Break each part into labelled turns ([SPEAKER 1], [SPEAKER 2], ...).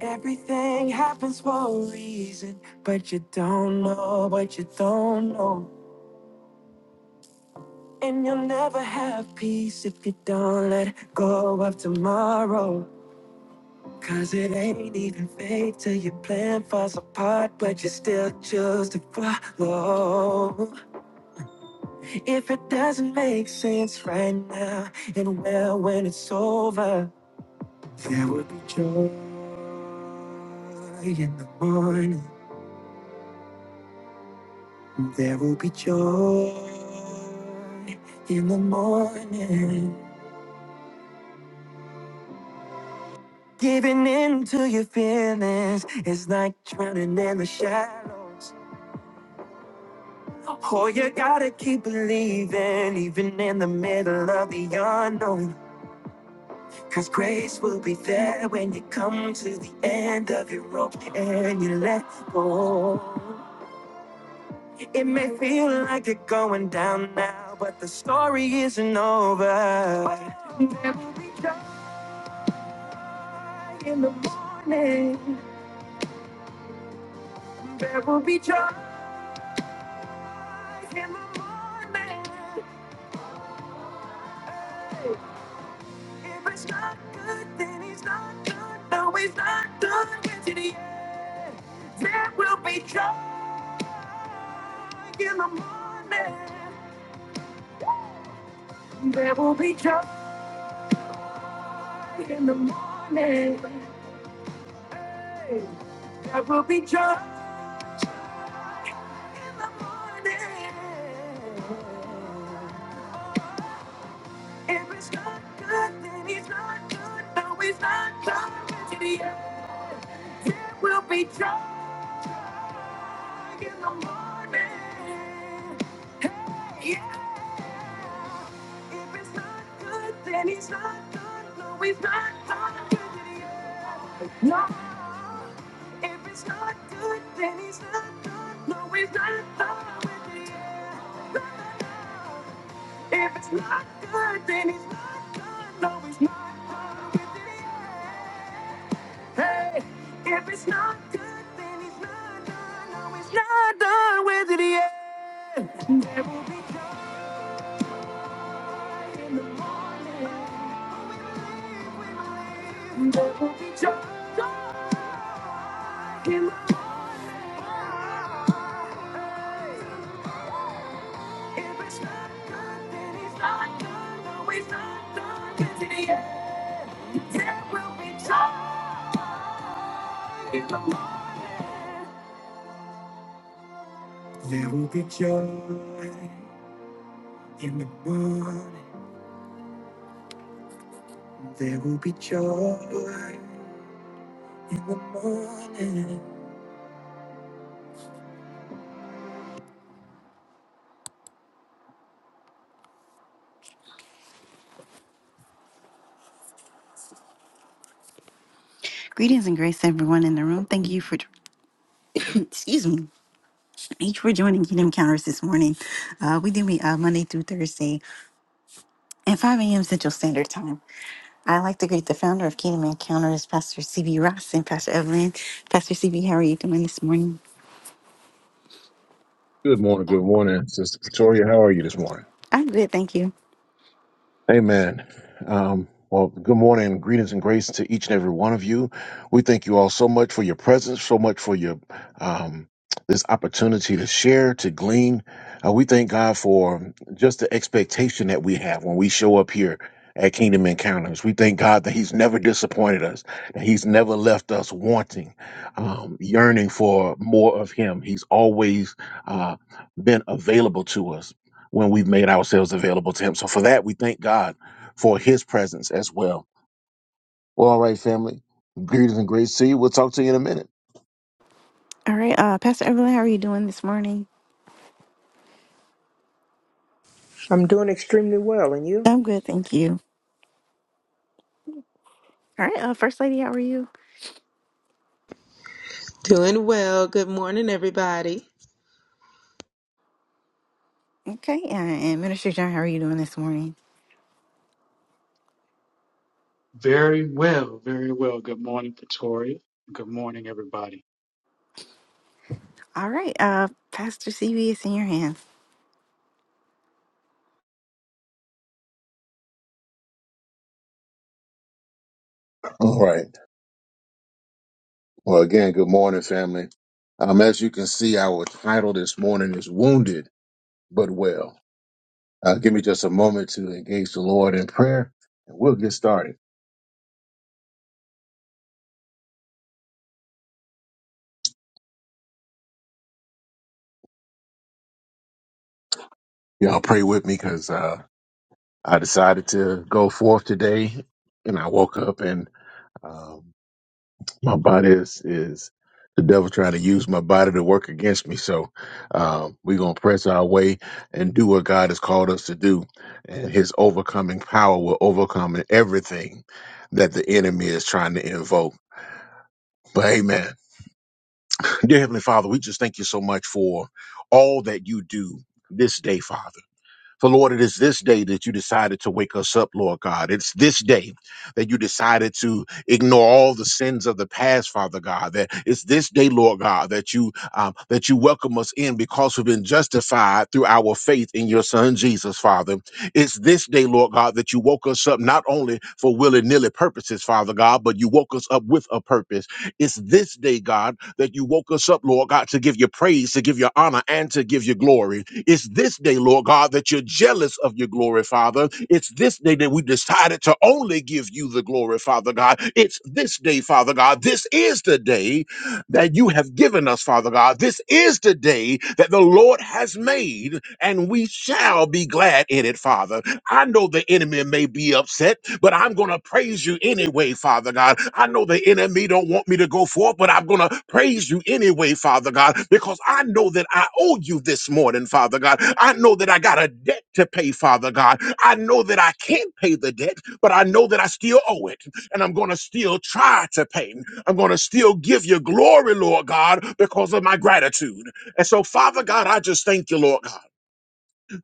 [SPEAKER 1] Everything happens for a reason, but you don't know what you don't know. And you'll never have peace if you don't let go of tomorrow. Cause it ain't even fate till your plan falls apart, but you still choose to follow. If it doesn't make sense right now, and well, when it's over, there will be joy in the morning. There will be joy in the morning. Giving in to your feelings is like drowning in the shallows. Oh, you gotta keep believing, even in the middle of the unknown. Cause grace will be there when you come to the end of your rope and you let go. It may feel like you're going down now, but the story isn't over. There will be joy in the morning. There will be joy in the morning. Hey, If it's not good, then he's not good. No, he's not done with it yet. There will be joy in the morning. There will be joy in the morning. Hey, There will be joy in the morning. If it's not good, then he's not good. No, he's not done with it yet. Good, then he's not done. No, he's not done with it yet. There will be joy when we leave. not done with it yet. There will be joy in the morning. There will be joy in the morning. Greetings and grace, everyone in the room. Thank you for, excuse me. Thank you for joining Kingdom Counters this morning. Uh, we do meet uh, Monday through Thursday at 5 a.m. Central Standard Time. I'd like to greet the founder of Kingdom Encounters, Pastor CB Ross and Pastor Evelyn. Pastor CB, how are you doing this morning?
[SPEAKER 2] Good morning. Good morning, Sister Pretoria. How are you this morning?
[SPEAKER 1] I'm good, thank you.
[SPEAKER 2] Amen. Um, well, good morning. Greetings and grace to each and every one of you. We thank you all so much for your presence, so much for your um, this opportunity to share, to glean. Uh, we thank God for just the expectation that we have when we show up here at Kingdom Encounters. We thank God that He's never disappointed us, that He's never left us wanting, um, yearning for more of Him. He's always uh, been available to us when we've made ourselves available to Him. So for that, we thank God for His presence as well. Well, all right, family. Greetings and grace to you. We'll talk to you in a minute.
[SPEAKER 1] All right, uh, Pastor Evelyn, how are you doing this morning?
[SPEAKER 3] I'm doing extremely well, and you?
[SPEAKER 1] I'm good, thank you. All right, uh, First Lady, how are you?
[SPEAKER 4] Doing well. Good morning, everybody.
[SPEAKER 1] Okay, uh, and Minister John, how are you doing this morning?
[SPEAKER 5] Very well, very well. Good morning, Pretoria. Good morning, everybody.
[SPEAKER 1] All right, uh, Pastor CB, it's in your hands.
[SPEAKER 2] All right. Well, again, good morning, family. Um, as you can see, our title this morning is Wounded But Well. Uh, give me just a moment to engage the Lord in prayer, and we'll get started. Y'all pray with me because uh, I decided to go forth today, and I woke up and um, my body is is the devil trying to use my body to work against me. So um, we're gonna press our way and do what God has called us to do, and His overcoming power will overcome everything that the enemy is trying to invoke. But Amen, dear Heavenly Father, we just thank you so much for all that you do this day, Father. For Lord, it is this day that you decided to wake us up, Lord God. It's this day that you decided to ignore all the sins of the past, Father God. That it's this day, Lord God, that you um, that you welcome us in because we've been justified through our faith in your Son Jesus, Father. It's this day, Lord God, that you woke us up not only for willy nilly purposes, Father God, but you woke us up with a purpose. It's this day, God, that you woke us up, Lord God, to give you praise, to give you honor, and to give you glory. It's this day, Lord God, that you're jealous of your glory, Father. It's this day that we decided to only give you the glory, Father God. It's this day, Father God. This is the day that you have given us, Father God. This is the day that the Lord has made, and we shall be glad in it, Father. I know the enemy may be upset, but I'm going to praise you anyway, Father God. I know the enemy don't want me to go forth, but I'm going to praise you anyway, Father God, because I know that I owe you this morning, Father God. I know that I got a debt to pay, Father God. I know that I can't pay the debt, but I know that I still owe it, and I'm going to still try to pay. I'm going to still give you glory, Lord God, because of my gratitude. And so, Father God, I just thank you, Lord God.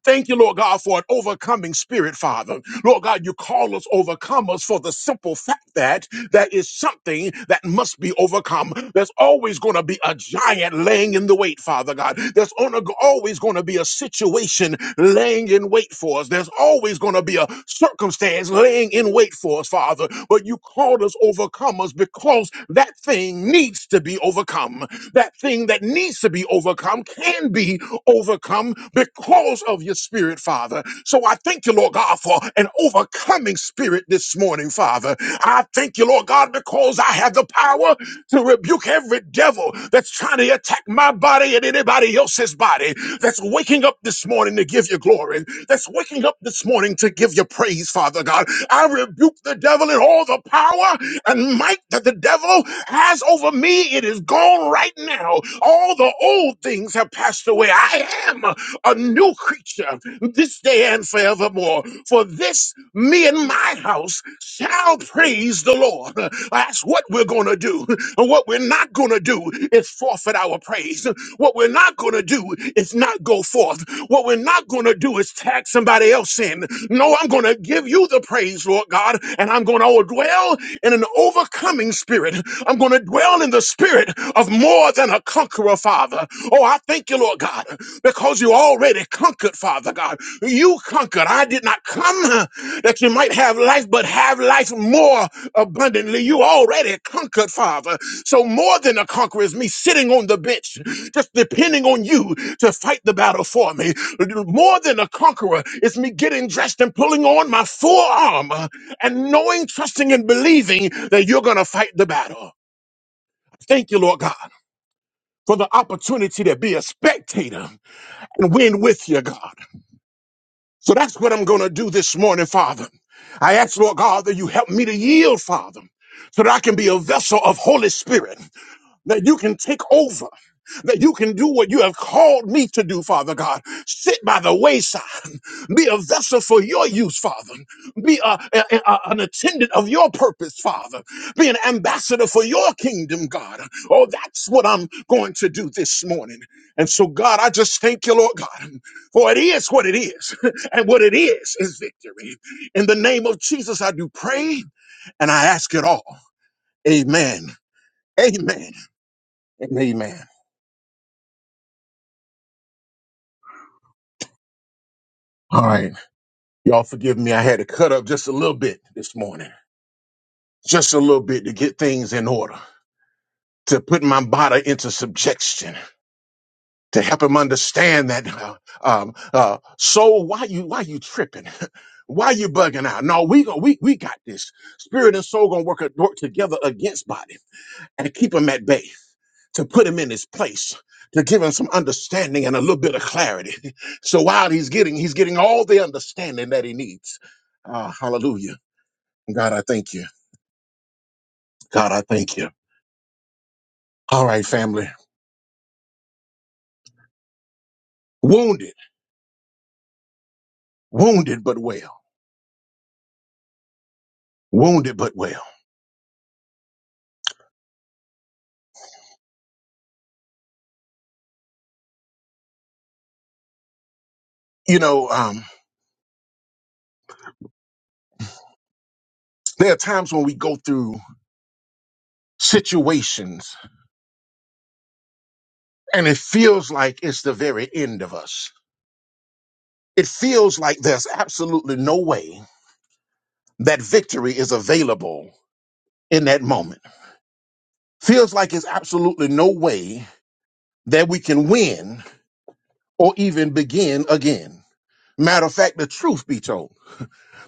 [SPEAKER 2] Thank you, Lord God, for an overcoming spirit, Father. Lord God, you call us overcomers for the simple fact that there is something that must be overcome. There's always going to be a giant laying in the wait, Father God. There's on always going to be a situation laying in wait for us. There's always going to be a circumstance laying in wait for us, Father. But but you called us overcomers because that thing needs to be overcome. That thing that needs to be overcome can be overcome because of your spirit, Father. So I thank you, Lord God, for an overcoming spirit this morning, Father. I thank you, Lord God, because I have the power to rebuke every devil that's trying to attack my body and anybody else's body that's waking up this morning to give you glory, that's waking up this morning to give you praise, Father God. I rebuke the devil and all the power and might that the devil has over me. It is gone right now. All the old things have passed away. I am a new creature this day and forevermore. For this, me and my house shall praise the Lord. That's what we're going to do. And what we're not going to do is forfeit our praise. What we're not going to do is not go forth. What we're not going to do is tag somebody else in. No, I'm going to give you the praise, Lord God, and I'm going to dwell in an overflow overcoming spirit. I'm going to dwell in the spirit of more than a conqueror, Father. Oh, I thank you, Lord God, because you already conquered, Father God. You conquered. I did not come uh, that you might have life, but have life more abundantly. You already conquered, Father. So more than a conqueror is me sitting on the bench, just depending on you to fight the battle for me. More than a conqueror is me getting dressed and pulling on my full armor and knowing, trusting, and believing that you're going to fight the battle. Thank you, Lord God, for the opportunity to be a spectator and win with you, God. So that's what I'm going to do this morning, Father. I ask, Lord God, that you help me to yield, Father, so that I can be a vessel of Holy Spirit. that you can take over, that you can do what you have called me to do, Father God. Sit by the wayside, be a vessel for your use, Father. Be a, a- a- an attendant of your purpose, Father. Be an ambassador for your kingdom, God. Oh, that's what I'm going to do this morning. And so, God, I just thank you, Lord God, for it is what it is, and what it is is victory. In the name of Jesus, I do pray and I ask it all. Amen. Amen. And amen. All right. Y'all forgive me. I had to cut up just a little bit this morning, just a little bit to get things in order, to put my body into subjection, to help him understand that, uh, um, uh, soul, why you, why you tripping? Why you bugging out? No, we go, we, we got this. Spirit and soul gonna work, a, work together against body and keep him at bay, to put him in his place. To give him some understanding and a little bit of clarity. So while he's getting, he's getting all the understanding that he needs. Ah, hallelujah. God, I thank you. God, I thank you. All right, family. Wounded, wounded, but well. Wounded, but well. You know, um, there are times when we go through situations and it feels like it's the very end of us. It feels like there's absolutely no way that victory is available in that moment. Feels like it's absolutely no way that we can win or even begin again. Matter of fact, the truth be told,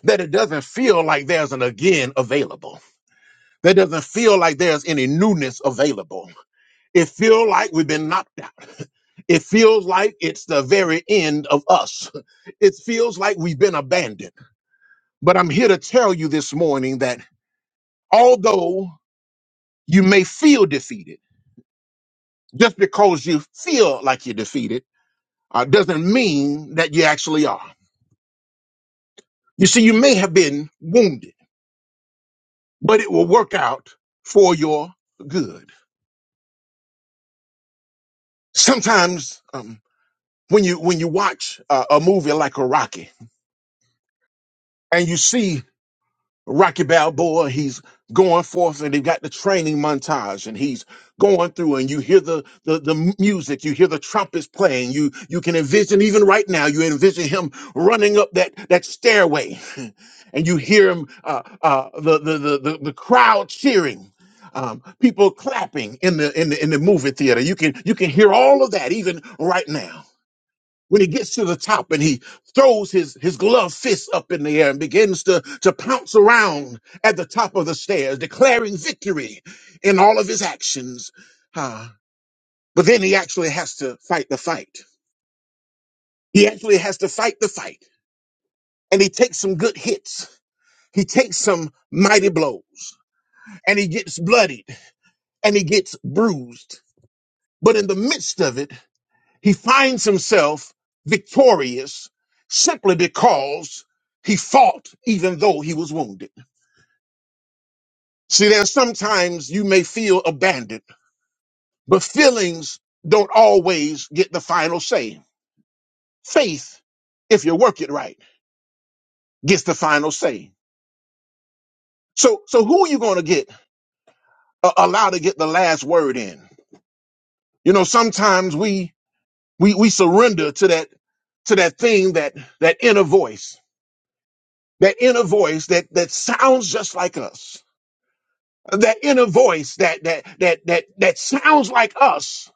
[SPEAKER 2] that it doesn't feel like there's an again available That doesn't feel like there's any newness available. It feels like we've been knocked out. It feels like it's the very end of us. It feels like we've been abandoned. But I'm here to tell you this morning that although you may feel defeated, just because you feel like you're defeated uh, doesn't mean that you actually are. You see, you may have been wounded, but it will work out for your good. Sometimes um, when you when you watch uh, a movie like a Rocky and you see Rocky Balboa, he's going forth and they've got the training montage and he's going through and you hear the, the the m- music, you hear the trumpets playing, you you can envision even right now, you envision him running up that that stairway and you hear him uh, uh, the, the the the the crowd cheering. Um, people clapping in the in the in the movie theater. You can you can hear all of that even right now when he gets to the top and he throws his, his gloved fist up in the air and begins to, to pounce around at the top of the stairs, declaring victory in all of his actions. Ah, but then he actually has to fight the fight. He actually has to fight the fight. And he takes some good hits. He takes some mighty blows and he gets bloodied and he gets bruised. But in the midst of it, He finds himself victorious simply because he fought even though he was wounded. See, there's sometimes you may feel abandoned, but feelings don't always get the final say. Faith, if you work it right, gets the final say. So, so who are you going to get uh, allow to get the last word in? You know, sometimes we we we surrender to that to that thing that that inner voice, that inner voice that that sounds just like us that inner voice that that that that that sounds like us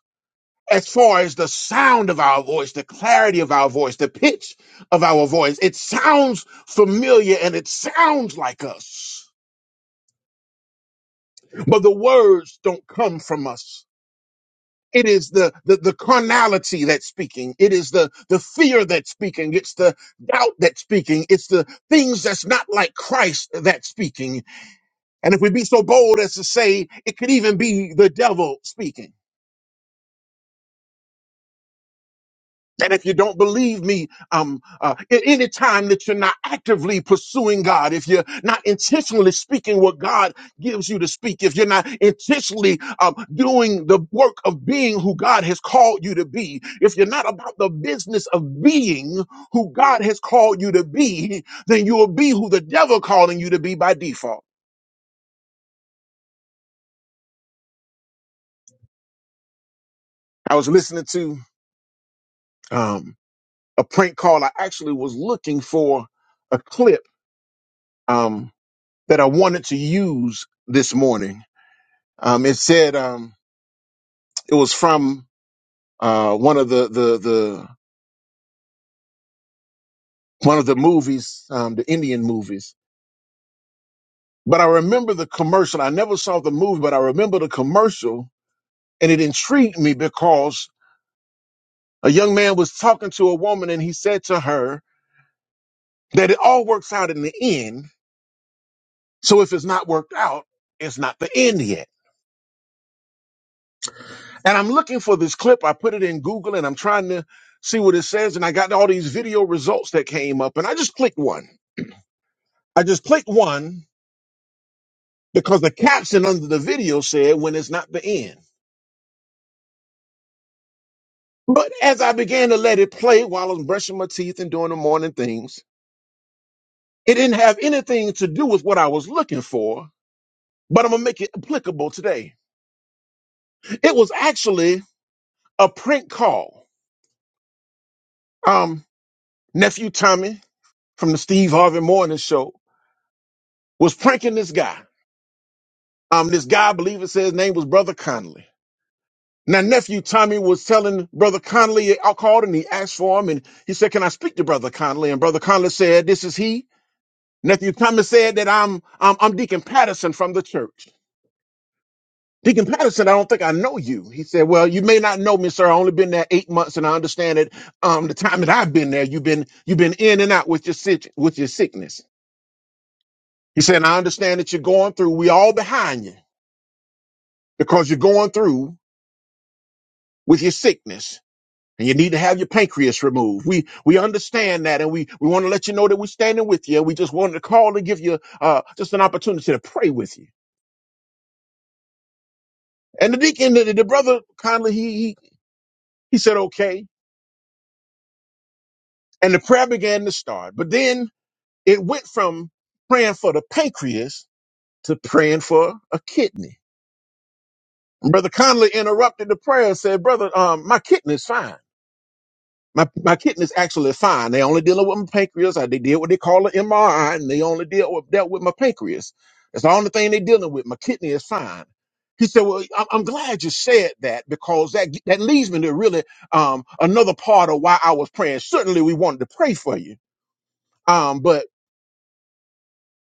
[SPEAKER 2] as far as the sound of our voice the clarity of our voice the pitch of our voice it sounds familiar and it sounds like us but the words don't come from us it is the the, the carnality that's speaking it is the the fear that's speaking it's the doubt that's speaking it's the things that's not like christ that's speaking and if we be so bold as to say it could even be the devil speaking And if you don't believe me, um, uh, a- any time that you're not actively pursuing God, if you're not intentionally speaking what God gives you to speak, if you're not intentionally um, doing the work of being who God has called you to be, if you're not about the business of being who God has called you to be, then you will be who the devil calling you to be by default. I was listening to um, a prank call. I actually was looking for a clip. Um, that I wanted to use this morning. Um, it said um, it was from uh, one of the, the the one of the movies, um, the Indian movies. But I remember the commercial. I never saw the movie, but I remember the commercial, and it intrigued me because a young man was talking to a woman, and he said to her that it all works out in the end. So if it's not worked out, it's not the end yet. And I'm looking for this clip. I put it in Google and I'm trying to see what it says. And I got all these video results that came up and I just clicked one. I just clicked one because the caption under the video said, when it's not the end. But as I began to let it play while I was brushing my teeth and doing the morning things, it didn't have anything to do with what I was looking for, but I'm going to make it applicable today. It was actually a prank call. Um, nephew Tommy from the Steve Harvey Morning Show was pranking this guy Um, this guy, I believe it says his name was Brother Connolly. Now, nephew Tommy was telling Brother Connolly, I called and he asked for him and he said, Can I speak to Brother Connolly? And Brother Connolly said, This is he. Nephew Tommy said that I'm, I'm, I'm Deacon Patterson from the church. Deacon Patterson, I don't think I know you. He said, Well, you may not know me, sir. I only been there eight months and I understand it. Um, the time that I've been there, you've been, you've been in and out with your, sit- with your sickness. He said, "And I understand that you're going through. We all behind you because you're going through with your sickness. and you need to have your pancreas removed. We we understand that, and we we want to let you know that we're standing with you. And we just wanted to call to give you uh just an opportunity to pray with you. And the deacon, the, the brother, kindly he he he said okay, and the prayer began to start. But then it went from praying for the pancreas to praying for a kidney. And Brother Conley interrupted the prayer and said, "Brother, um, my kidney's fine." My my kidney is actually fine. They only dealing with my pancreas. uh, They did what they call an MRI, and they only deal with, dealt with my pancreas. That's the only thing they dealing with. My kidney is fine. He said, "Well, I'm, I'm glad you said that because that that leads me to really um, another part of why I was praying. Certainly, we wanted to pray for you, um, but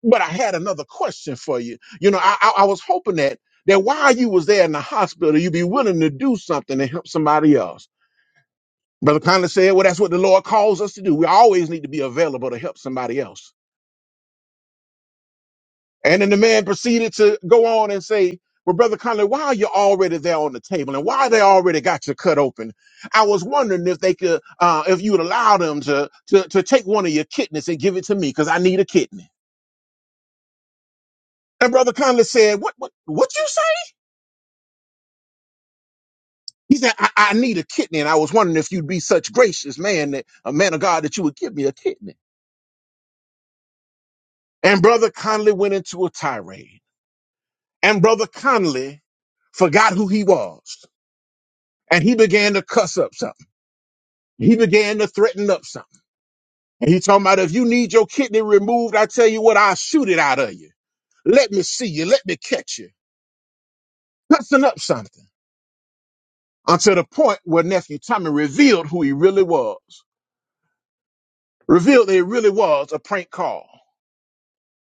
[SPEAKER 2] but I had another question for you. You know, I, I, I was hoping that that while you was there in the hospital, you'd be willing to do something to help somebody else." Brother Conley said, Well, that's what the Lord calls us to do. We always need to be available to help somebody else. And then the man proceeded to go on and say, Well, Brother Conley, why are you already there on the table? And why they already got you cut open? I was wondering if they could, uh, if you would allow them to, to, to take one of your kidneys and give it to me because I need a kidney. And Brother Conley said, What, what, what you say? He said, I, I need a kidney. And I was wondering if you'd be such gracious man, that a man of God, that you would give me a kidney. And Brother Conley went into a tirade. And Brother Conley forgot who he was. And he began to cuss up something. He began to threaten up something. And he talking about if you need your kidney removed, I tell you what, I'll shoot it out of you. Let me see you. Let me catch you. Cussing up something. Until the point where nephew Tommy revealed who he really was. Revealed that he really was a prank call.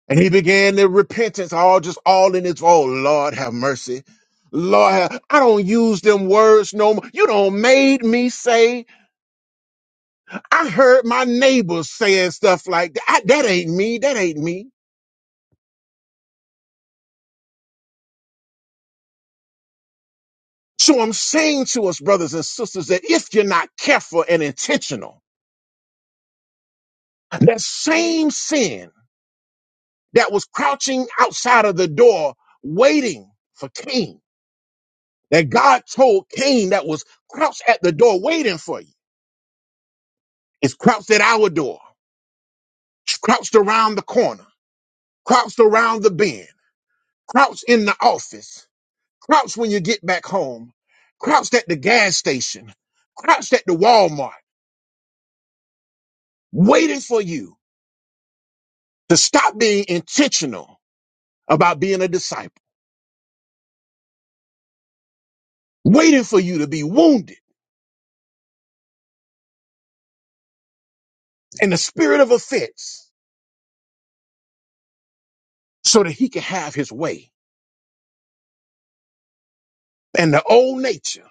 [SPEAKER 2] And he began the repentance all just all in his, oh Lord have mercy. Lord, have, I don't use them words no more. You don't made me say I heard my neighbors saying stuff like that. I- That ain't me. That ain't me. So I'm saying to us, brothers and sisters, that if you're not careful and intentional, that same sin that was crouching outside of the door, waiting for Cain, that God told Cain that was crouched at the door waiting for you, is crouched at our door, crouched around the corner, crouched around the bend, crouched in the office, Crouch when you get back home. Crouched at the gas station. Crouched at the Walmart, waiting for you to stop being intentional about being a disciple, waiting for you to be wounded in the spirit of offense so that he can have his way. And the old nature,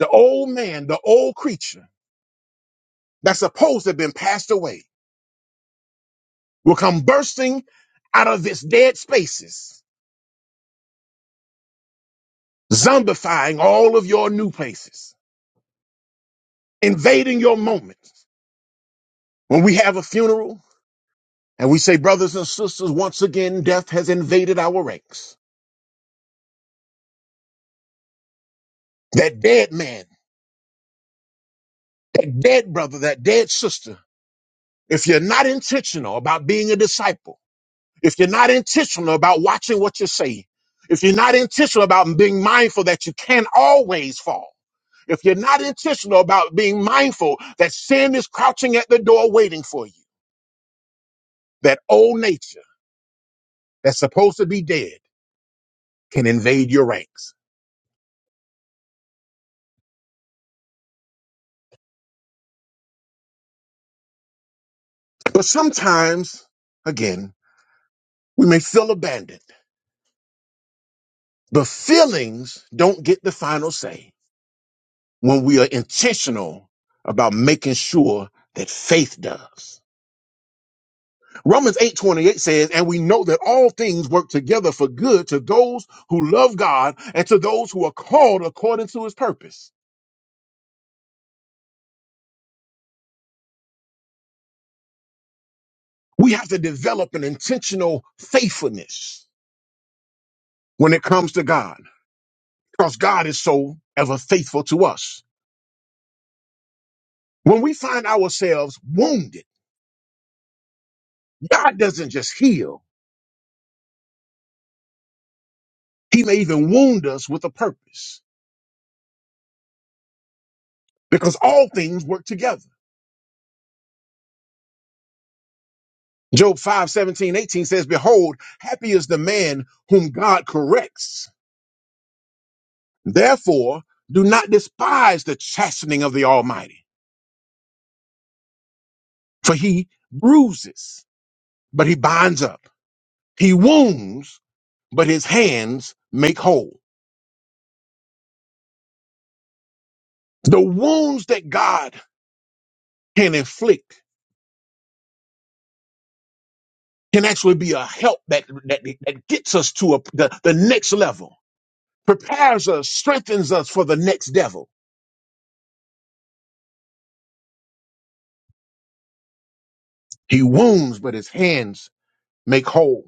[SPEAKER 2] the old man, the old creature that's supposed to have been passed away will come bursting out of its dead spaces, zombifying all of your new places, invading your moments. When we have a funeral, And we say, brothers and sisters, once again, death has invaded our ranks. That dead man, that dead brother, that dead sister, if you're not intentional about being a disciple, if you're not intentional about watching what you say, if you're not intentional about being mindful that you can always fall, if you're not intentional about being mindful that sin is crouching at the door waiting for you, that old nature that's supposed to be dead can invade your ranks. But sometimes, again, we may feel abandoned. But feelings don't get the final say when we are intentional about making sure that faith does. Romans 8:28 says, "And we know that all things work together for good to those who love God and to those who are called according to his purpose." We have to develop an intentional faithfulness when it comes to God, because God is so ever faithful to us. When we find ourselves wounded, God doesn't just heal, he may even wound us with a purpose. because all things work together. Job 5, seventeen, 18 says, Behold, happy is the man whom God corrects. Therefore, do not despise the chastening of the Almighty, for he bruises, but he binds up. He wounds, but his hands make whole. The wounds that God can inflict can actually be a help that, that, that gets us to a, the, the next level, prepares us, strengthens us for the next devil. He wounds, but his hands make whole.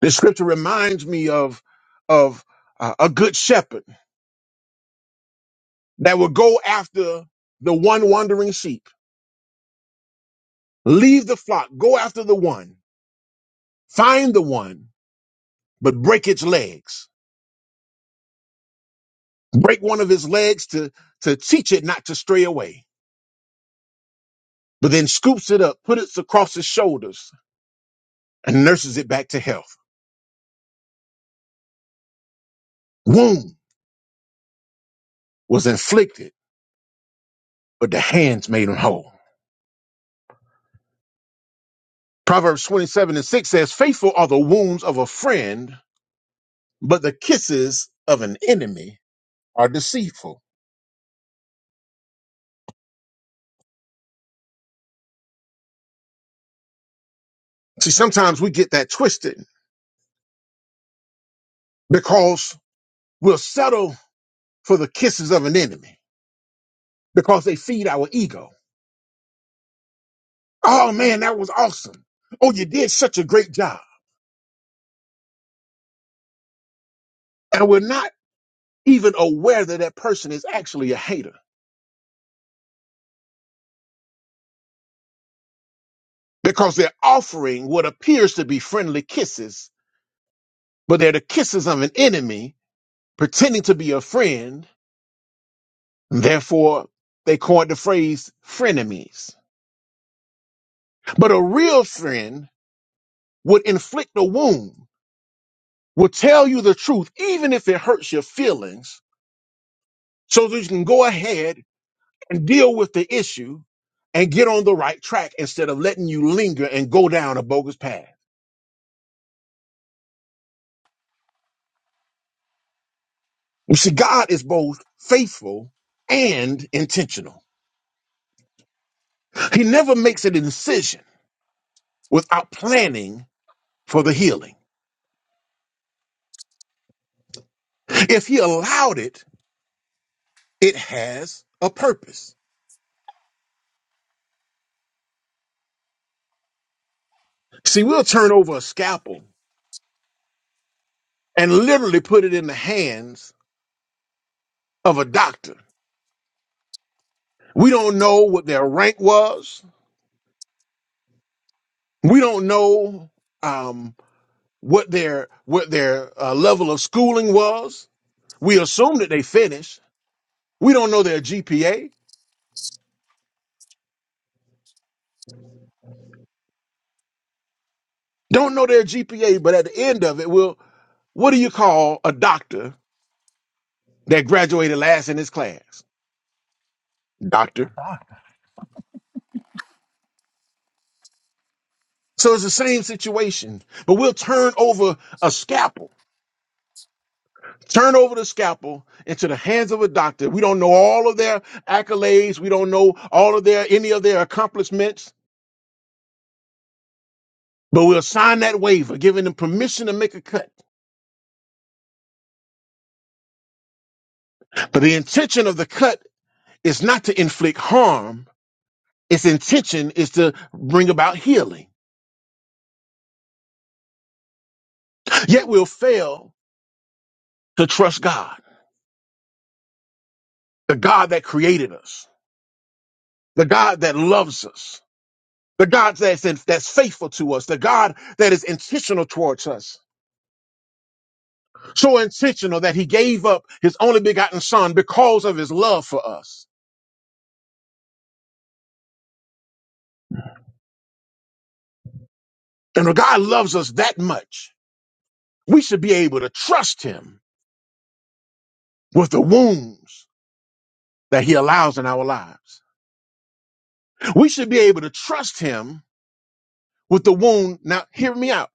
[SPEAKER 2] This scripture reminds me of of uh, a good shepherd that will go after the one wandering sheep. Leave the flock, go after the one, find the one, but break its legs. Break one of his legs to to teach it not to stray away. But then scoops it up, put it across his shoulders, and nurses it back to health. Wound was inflicted, but the hands made him whole. Proverbs 27 and 6 says, Faithful are the wounds of a friend, but the kisses of an enemy are deceitful. See, sometimes we get that twisted because we'll settle for the kisses of an enemy because they feed our ego. Oh man, that was awesome. Oh, you did such a great job. And we're not even aware that that person is actually a hater because they're offering what appears to be friendly kisses, but they're the kisses of an enemy pretending to be a friend. Therefore, they coined the phrase frenemies But a real friend would inflict a wound, would tell you the truth, even if it hurts your feelings, so that you can go ahead and deal with the issue and get on the right track instead of letting you linger and go down a bogus path. You see, God is both faithful and intentional. He never makes a decision without planning for the healing. If He allowed it, it has a purpose. See, we'll turn over a scalpel and literally put it in the hands of a doctor. We don't know what their rank was. We don't know um, what their what their uh, level of schooling was. We assume that they finished. We don't know their GPA. Don't know their GPA, but at the end of it, well, what do you call a doctor that graduated last in his class?
[SPEAKER 6] A
[SPEAKER 2] Doctor.
[SPEAKER 6] doctor.
[SPEAKER 2] So it's the same situation, but we'll turn over a scalpel turn over the scalpel into the hands of a doctor. We don't know all of their accolades. We don't know all of their any of their accomplishments, but we'll sign that waiver, giving them permission to make a cut. But the intention of the cut is not to inflict harm. Its intention is to bring about healing. Yet we'll fail to trust God, the God that created us, the God that loves us, the God that's, that's faithful to us, the God that is intentional towards us So intentional that he gave up his only begotten son because of his love for us. And if God loves us that much, we should be able to trust him with the wounds that he allows in our lives. We should be able to trust him with the wound. Now, hear me out.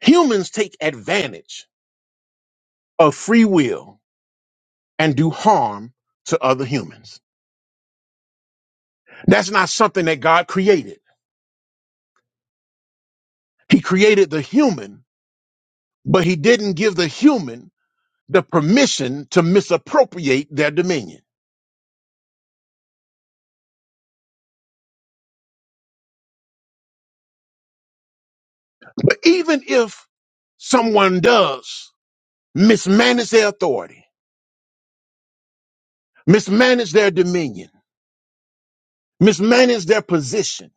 [SPEAKER 2] Humans take advantage of free will and do harm to other humans. That's not something that God created. He created the human, but he didn't give the human the permission to misappropriate their dominion. But even if someone does mismanage their authority, mismanage their dominion, mismanage their position,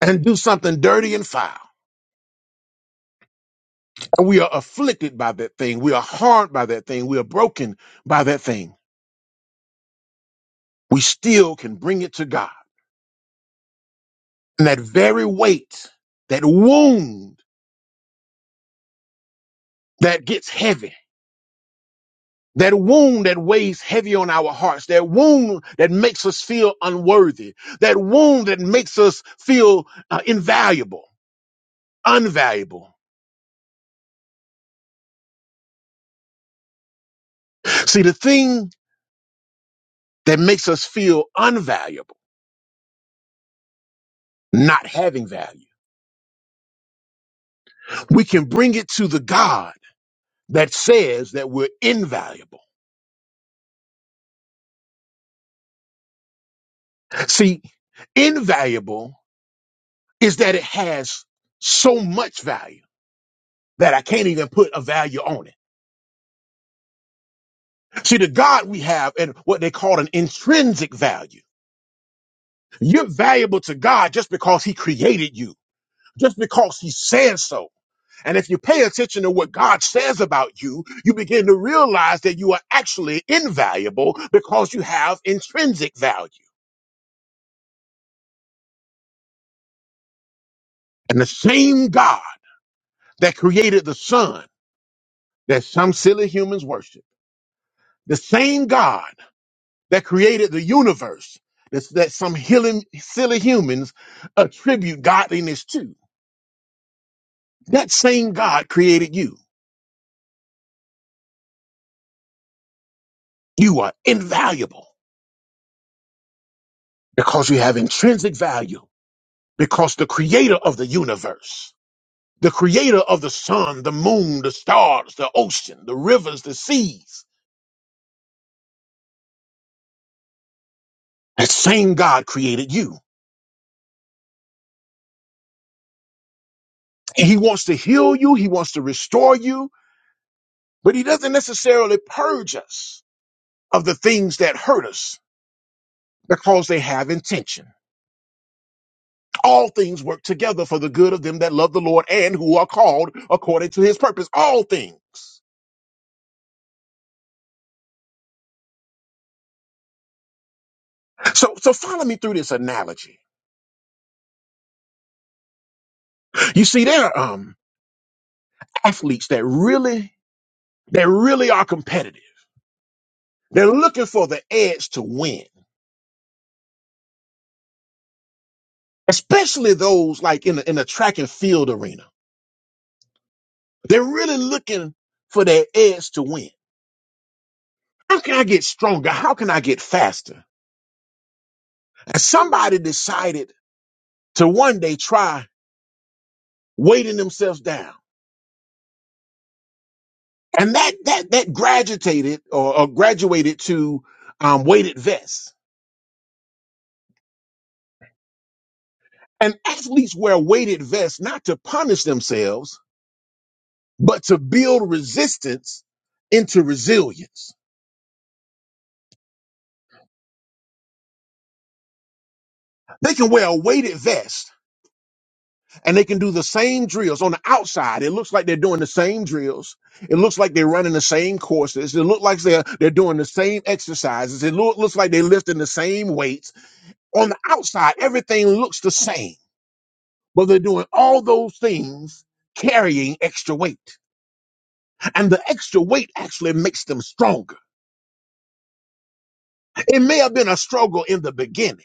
[SPEAKER 2] and do something dirty and foul, and we are afflicted by that thing, we are harmed by that thing, we are broken by that thing, we still can bring it to God. And that very weight, that wound that gets heavy That wound that weighs heavy on our hearts, that wound that makes us feel unworthy, that wound that makes us feel uh, invaluable, unvaluable. See, the thing that makes us feel unvaluable, not having value, we can bring it to the God that says that we're invaluable. See, invaluable is that it has so much value that I can't even put a value on it. See, the God we have and what they call an intrinsic value. You're valuable to God just because He created you, just because He says so. And if you pay attention to what God says about you, you begin to realize that you are actually invaluable because you have intrinsic value. And the same God that created the sun that some silly humans worship, the same God that created the universe that's, that some healing, silly humans attribute godliness to, that same God created you. You are invaluable. Because you have intrinsic value. Because the creator of the universe, the creator of the sun, the moon, the stars, the ocean, the rivers, the seas, that same God created you. And he wants to heal you. He wants to restore you, but he doesn't necessarily purge us of the things that hurt us because they have intention. All things work together for the good of them that love the Lord and who are called according to his purpose. All things. So, so follow me through this analogy. You see, there, um, athletes that really that really are competitive. They're looking for the edge to win, especially those like in the, in the track and field arena. They're really looking for their edge to win. How can I get stronger? How can I get faster? And somebody decided to one day try weighting themselves down, and that that that graduated or, or graduated to um, weighted vests. And athletes wear weighted vests not to punish themselves, but to build resistance into resilience. They can wear a weighted vest and they can do the same drills on the outside. It looks like they're doing the same drills. It looks like they're running the same courses. It looks like they're, they're doing the same exercises. It loo- looks like they're lifting the same weights. On the outside, everything looks the same, but they're doing all those things carrying extra weight. And the extra weight actually makes them stronger. It may have been a struggle in the beginning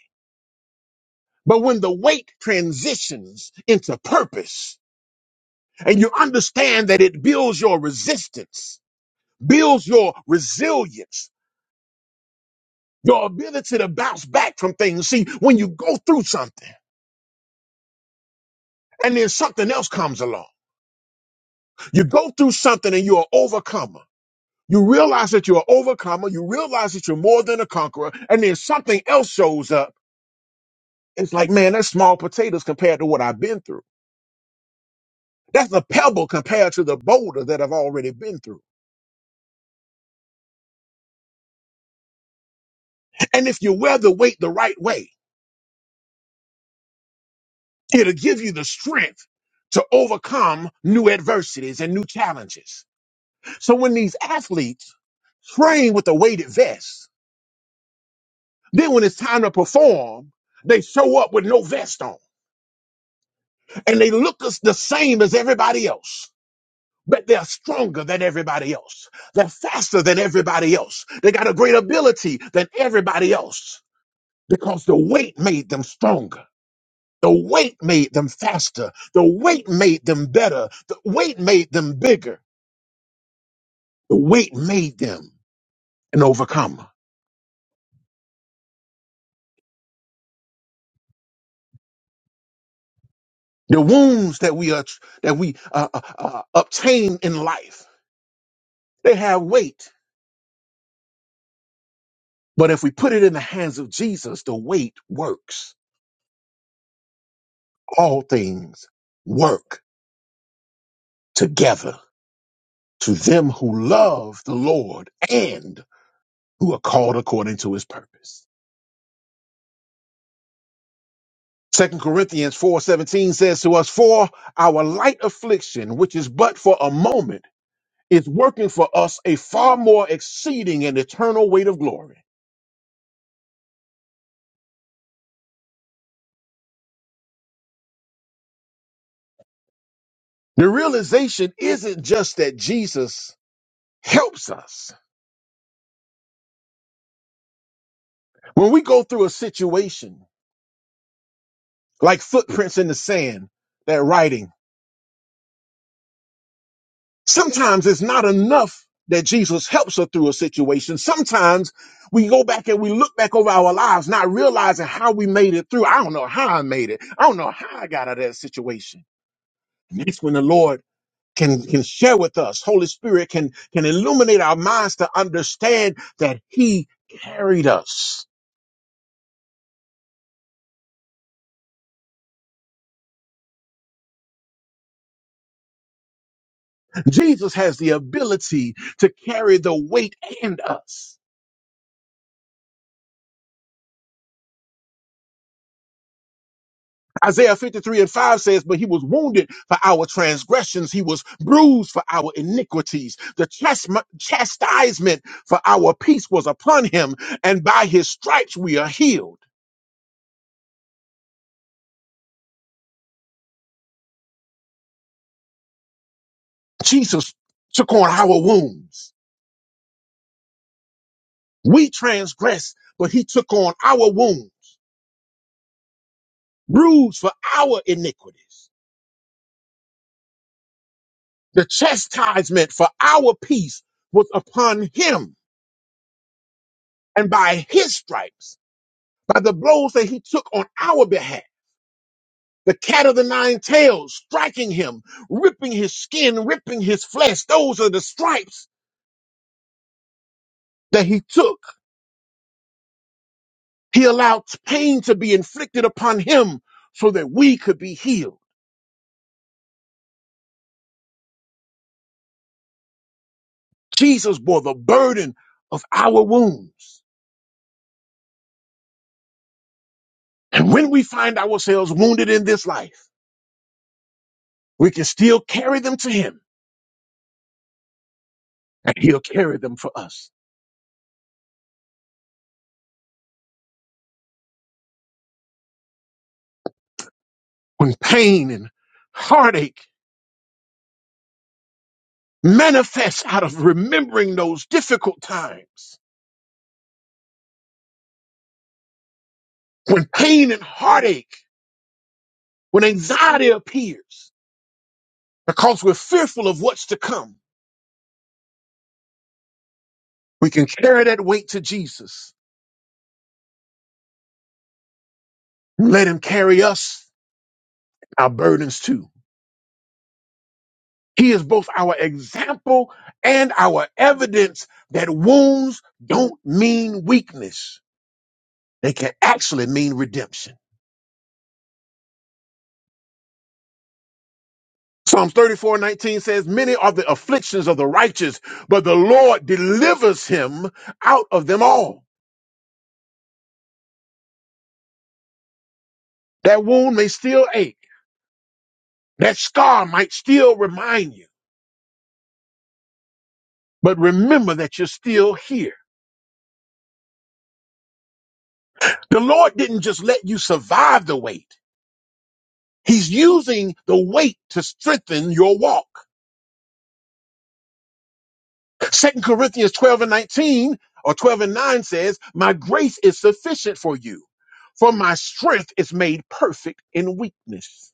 [SPEAKER 2] But when the weight transitions into purpose and you understand that it builds your resistance, builds your resilience, your ability to bounce back from things. See, when you go through something and then something else comes along, you go through something and you're an overcomer. You realize that you're an overcomer. You realize that you're more than a conqueror. And then something else shows up. It's like, man, that's small potatoes compared to what I've been through. That's a pebble compared to the boulder that I've already been through. And if you wear the weight the right way, it'll give you the strength to overcome new adversities and new challenges. So when these athletes train with a weighted vest, then when it's time to perform, they show up with no vest on and they look as the same as everybody else. But they're stronger than everybody else. They're faster than everybody else. They got a greater ability than everybody else because the weight made them stronger. The weight made them faster. The weight made them better. The weight made them bigger. The weight made them an overcomer. The wounds that we are that we uh, uh, uh, obtain in life, they have weight. But if we put it in the hands of Jesus, the weight works. All things work together to them who love the Lord and who are called according to His purpose. Second Corinthians 4:17 says to us, "For our light affliction, which is but for a moment, is working for us a far more exceeding and eternal weight of glory." The realization isn't just that Jesus helps us. When we go through a situation like footprints in the sand, that writing Sometimes it's not enough that Jesus helps her through a situation. Sometimes we go back and we look back over our lives, not realizing how we made it through. I don't know how I made it. I don't know how I got out of that situation. And that's when the Lord can, can share with us. Holy Spirit can, can illuminate our minds to understand that He carried us. Jesus has the ability to carry the weight and us. Isaiah 53 and 5 says, But he was wounded for our transgressions, he was bruised for our iniquities. The chasm- chastisement for our peace was upon him, and by his stripes we are healed. Jesus took on our wounds. We transgressed, but he took on our wounds, bruised for our iniquities. The chastisement for our peace was upon him, and by his stripes, by the blows that he took on our behalf. the cat of the nine tails striking him, ripping his skin, ripping his flesh. Those are the stripes that he took. He allowed pain to be inflicted upon him so that we could be healed. Jesus bore the burden of our wounds. And when we find ourselves wounded in this life, we can still carry them to him and he'll carry them for us. When pain and heartache manifest out of remembering those difficult times, when pain and heartache When anxiety appears because we're fearful of what's to come, we can carry that weight to Jesus. Let him carry us, our burdens too. He is both our example and our evidence that wounds don't mean weakness. They can actually mean redemption. Psalms 34:19 says, Many are the afflictions of the righteous, but the Lord delivers him out of them all. That wound may still ache. That scar might still remind you. But remember that you're still here. The Lord didn't just let you survive the weight. He's using the weight to strengthen your walk. Second Corinthians 12 and 19 or 12 and 9 says, my grace is sufficient for you for my strength is made perfect in weakness.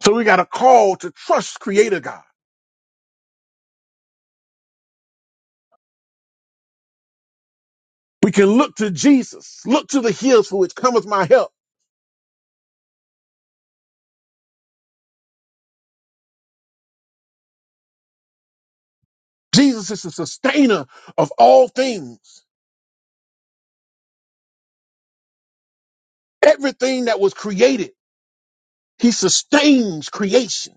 [SPEAKER 2] So we got a call to trust creator God. We can look to Jesus, look to the hills for which cometh my help. Jesus is the sustainer of all things. Everything that was created He sustains creation.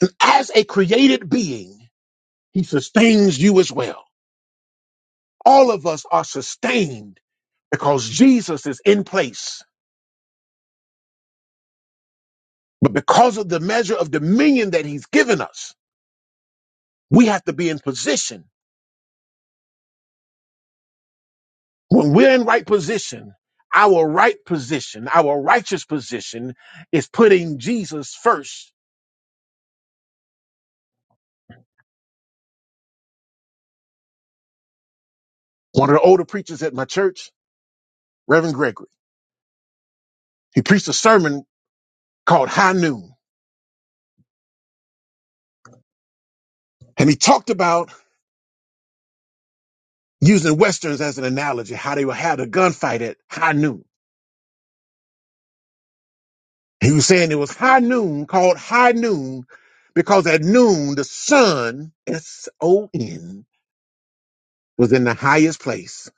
[SPEAKER 2] And as a created being, he sustains you as well. All of us are sustained because Jesus is in place. But because of the measure of dominion that he's given us, we have to be in position. When we're in right position, our right position, our righteous position is putting Jesus first. One of the older preachers at my church, Reverend Gregory, he preached a sermon called High Noon. And he talked about using Westerns as an analogy, how they would have the gunfight at high noon. He was saying it was high noon called high noon because at noon the sun, S O N, was in the highest place.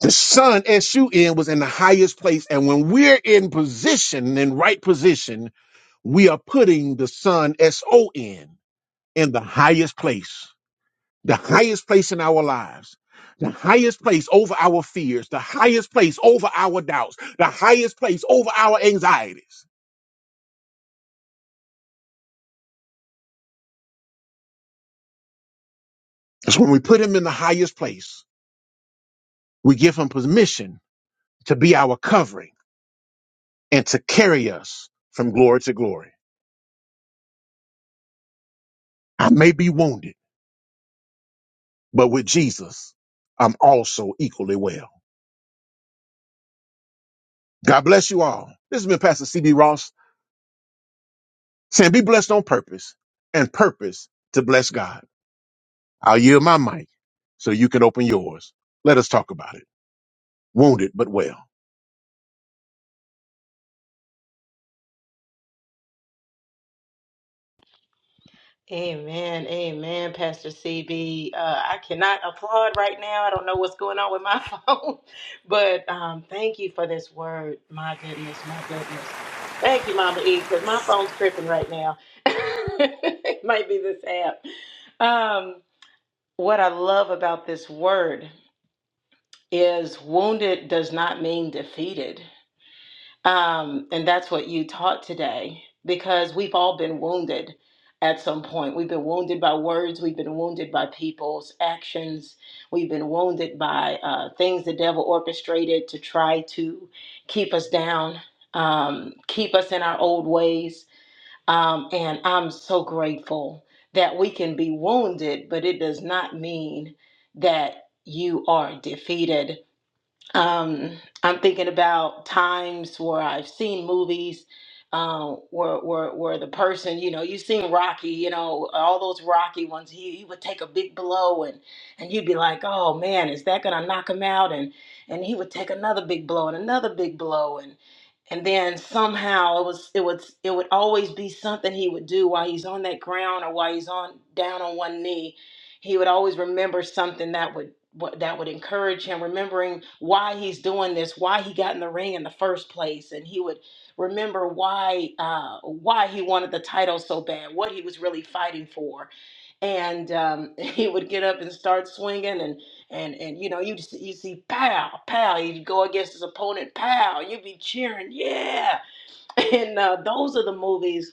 [SPEAKER 2] The sun, S U N, was in the highest place. And when we're in position, in right position, we are putting the sun, S O N, in the highest place. the highest place in our lives, the highest place over our fears, the highest place over our doubts, the highest place over our anxieties. It's when we put him in the highest place, we give him permission to be our covering and to carry us from glory to glory. I may be wounded, but with Jesus, I'm also equally well. God bless you all. This has been Pastor CB Ross saying, Be blessed on purpose and purpose to bless God. I'll yield my mic so you can open yours. Let us talk about it. Wounded but well.
[SPEAKER 4] Amen, amen, Pastor CB. Uh, I cannot applaud right now. I don't know what's going on with my phone, but um, thank you for this word. My goodness, my goodness. Thank you, Mama E, because my phone's tripping right now. it might be this app. Um, what I love about this word is wounded does not mean defeated. Um, and that's what you taught today because we've all been wounded at some point. We've been wounded by words, we've been wounded by people's actions, we've been wounded by uh, things the devil orchestrated to try to keep us down, um, keep us in our old ways. Um, and I'm so grateful that we can be wounded, but it does not mean that you are defeated um, I'm thinking about times where I've seen movies um, where, where where the person, you know, you've seen Rocky, you know, all those Rocky ones. He, he would take a big blow, and and you'd be like, oh man, is that gonna knock him out? And and he would take another big blow and another big blow, and and then somehow it was it was it would always be something he would do while he's on that ground or while he's on down on one knee he would always remember something that would what- that would encourage him remembering why he's doing this why he got in the ring in the first place and he would remember why uh, why he wanted the title so bad what he was really fighting for and um, he would get up and start swinging and and and you know you you see pow pow he'd go against his opponent pow you'd be cheering yeah and uh, those are the movies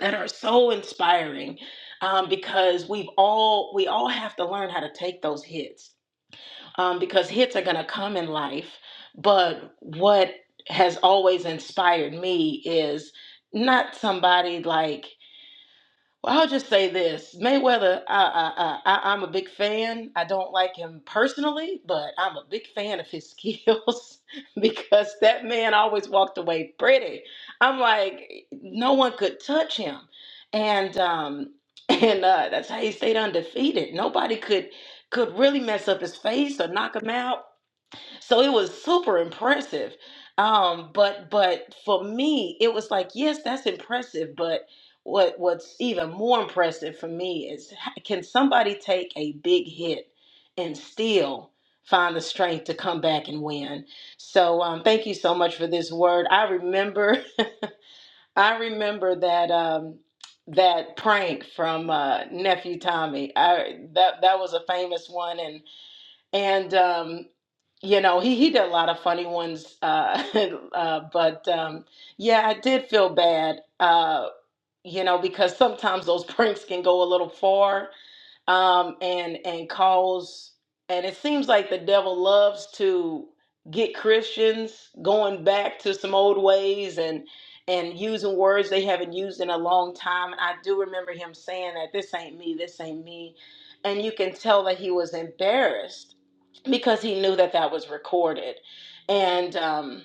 [SPEAKER 4] that are so inspiring um, because we've all we all have to learn how to take those hits um, because hits are going to come in life but what has always inspired me is not somebody like well, I'll just say this: Mayweather, I, I, I, I- am a big fan. I don't like him personally, but I'm a big fan of his skills because that man always walked away pretty. I'm like, no one could touch him, and um, and uh, that's how he stayed undefeated. Nobody could could really mess up his face or knock him out so it was super impressive um but but for me it was like yes that's impressive but what what's even more impressive for me is h- can somebody take a big hit and still find the strength to come back and win so um thank you so much for this word i remember i remember that um that prank from uh nephew tommy i that that was a famous one and and um, you know he he did a lot of funny ones uh, uh but um yeah i did feel bad uh you know, because sometimes those pranks can go a little far um, and and cause and it seems like the devil loves to get Christians going back to some old ways and and using words they haven't used in a long time. And I do remember him saying that this ain't me, this ain't me, and you can tell that he was embarrassed because he knew that that was recorded, and. um,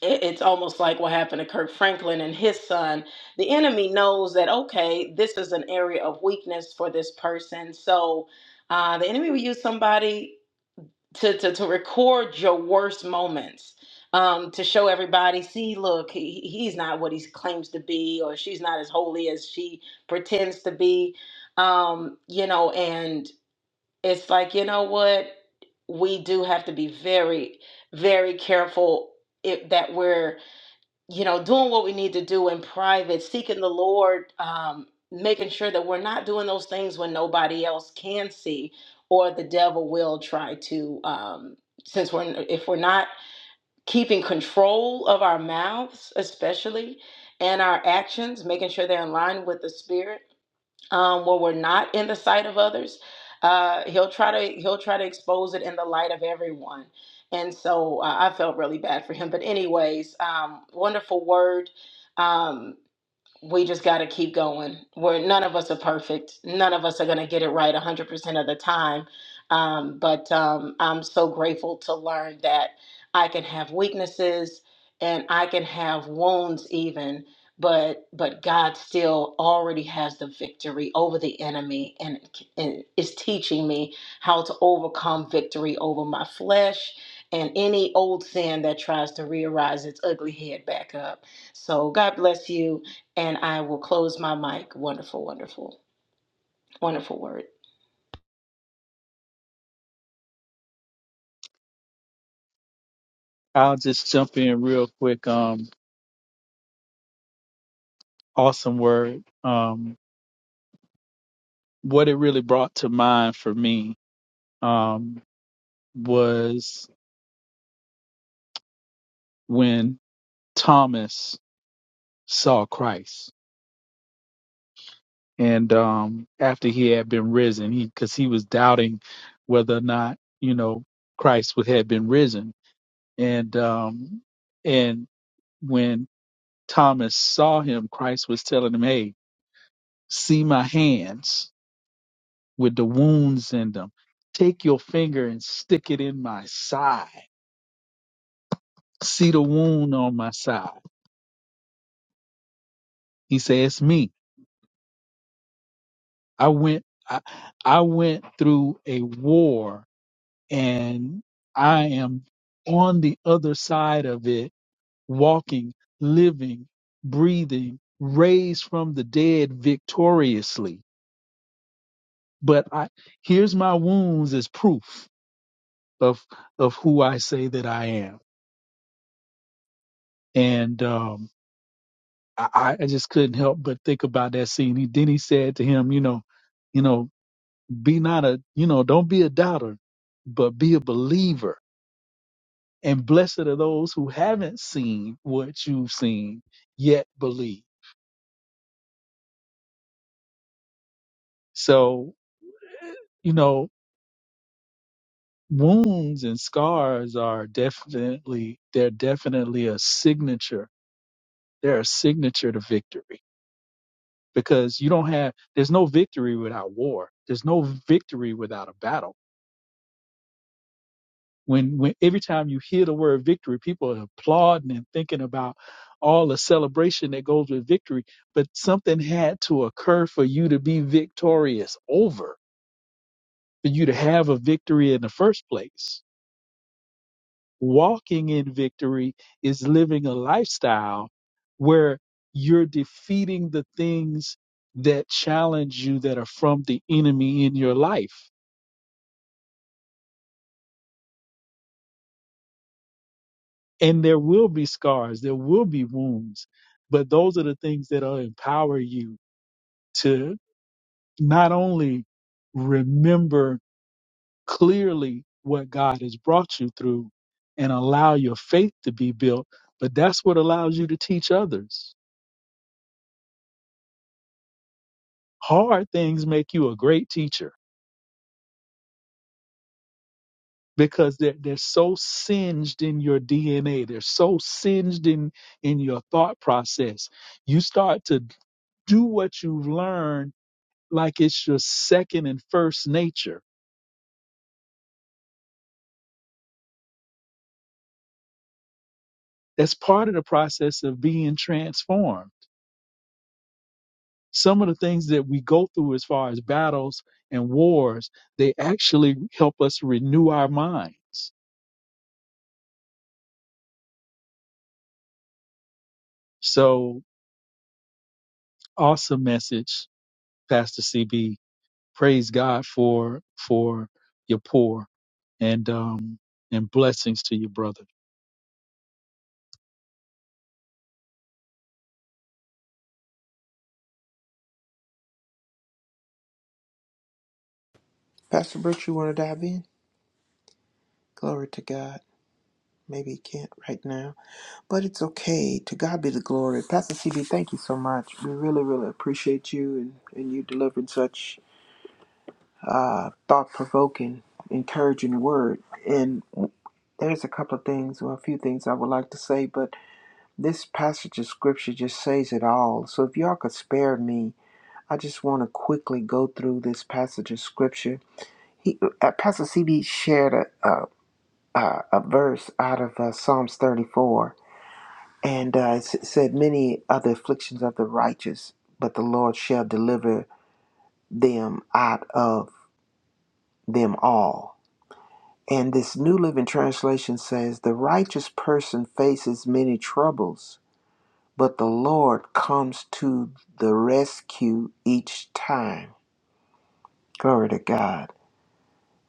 [SPEAKER 4] it- it's almost like what happened to Kirk Franklin and his son. The enemy knows that, okay, this is an area of weakness for this person. So uh, the enemy will use somebody to, to, to record your worst moments. Um, to show everybody, see, look, he, he- he's not what he claims to be, or she's not as holy as she pretends to be. Um, you know, and it's like, you know what? We do have to be very, very careful if that we're you know, doing what we need to do in private, seeking the Lord, um, making sure that we're not doing those things when nobody else can see, or the devil will try to. Um, since we're if we're not keeping control of our mouths, especially and our actions, making sure they're in line with the Spirit um, where we're not in the sight of others. Uh, he'll try to he'll try to expose it in the light of everyone. And so uh, I felt really bad for him. But anyways, um, wonderful word. Um, we just got to keep going. We're none of us are perfect. None of us are going to get it right 100% of the time. Um, but um, I'm so grateful to learn that I can have weaknesses and I can have wounds even, but but God still already has the victory over the enemy and, and is teaching me how to overcome victory over my flesh and any old sin that tries to rearise its ugly head back up. So God bless you and I will close my mic. Wonderful, wonderful, wonderful word.
[SPEAKER 5] I'll just jump in real quick. Um, awesome word. Um, what it really brought to mind for me um, was when Thomas saw Christ, and um, after he had been risen, he because he was doubting whether or not you know Christ would have been risen, and um, and when Thomas saw him, Christ was telling him, "Hey." See my hands with the wounds in them. Take your finger and stick it in my side. See the wound on my side. He says, me. I went I, I went through a war and I am on the other side of it, walking, living, breathing, raised from the dead victoriously. But I here's my wounds as proof of of who I say that I am. And um, I, I I just couldn't help but think about that scene. He then he said to him, you know, you know, be not a, you know, don't be a doubter, but be a believer. And blessed are those who haven't seen what you've seen yet believe. So, you know, wounds and scars are definitely they're definitely a signature. They're a signature to victory because you don't have there's no victory without war. There's no victory without a battle When, when every time you hear the word victory, people are applauding and thinking about all the celebration that goes with victory. But something had to occur for you to be victorious over, for you to have a victory in the first place. Walking in victory is living a lifestyle where you're defeating the things that challenge you that are from the enemy in your life and there will be scars, there will be wounds, but those are the things that will empower you to not only remember clearly what God has brought you through and allow your faith to be built, but that's what allows you to teach others. Hard things make you a great teacher because they're, they're so singed in your DNA. They're so singed in, in your thought process. You start to do what you've learned like it's your second and first nature. That's part of the process of being transformed. Some of the things that we go through as far as battles and wars, they actually help us renew our minds. So awesome message, Pastor CB. Praise God for for your poor and um and blessings to your brother.
[SPEAKER 3] Pastor Brooks, you want to dive in? Glory to God. Maybe you can't right now, but it's okay. To God be the glory. Pastor CB, thank you so much. We really, really appreciate you and, and you delivered such uh, thought provoking, encouraging word. And there's a couple of things, or a few things I would like to say, but this passage of scripture just says it all. So if y'all could spare me, I just want to quickly go through this passage of scripture He, uh, Pastor CB shared a, a, a a verse out of uh, Psalms 34, and uh, it s- said, Many are the afflictions of the righteous, but the Lord shall deliver them out of them all. And this New Living Translation says, The righteous person faces many troubles, but the Lord comes to the rescue each time. Glory to God.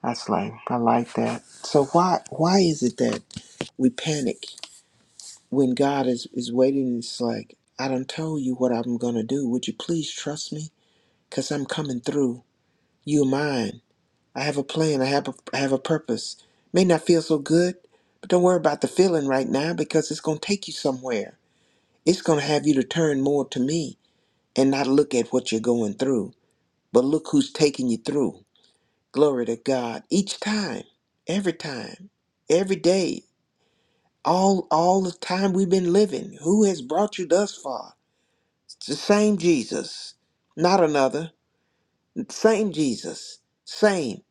[SPEAKER 3] That's like I like that. So why why is it that we panic when God is, is waiting, and it's like, I done told you what I'm going to do. Would you please trust me? Because I'm coming through. You're mine. I have a plan. I have a, I have a purpose. May not feel so good, but don't worry about the feeling right now because it's going to take you somewhere. It's going to have you to turn more to me and not look at what you're going through, but look who's taking you through. Glory to God. Each time, every time, every day, all all the time we've been living, who has brought you thus far? It's the same Jesus, not another. Same Jesus, same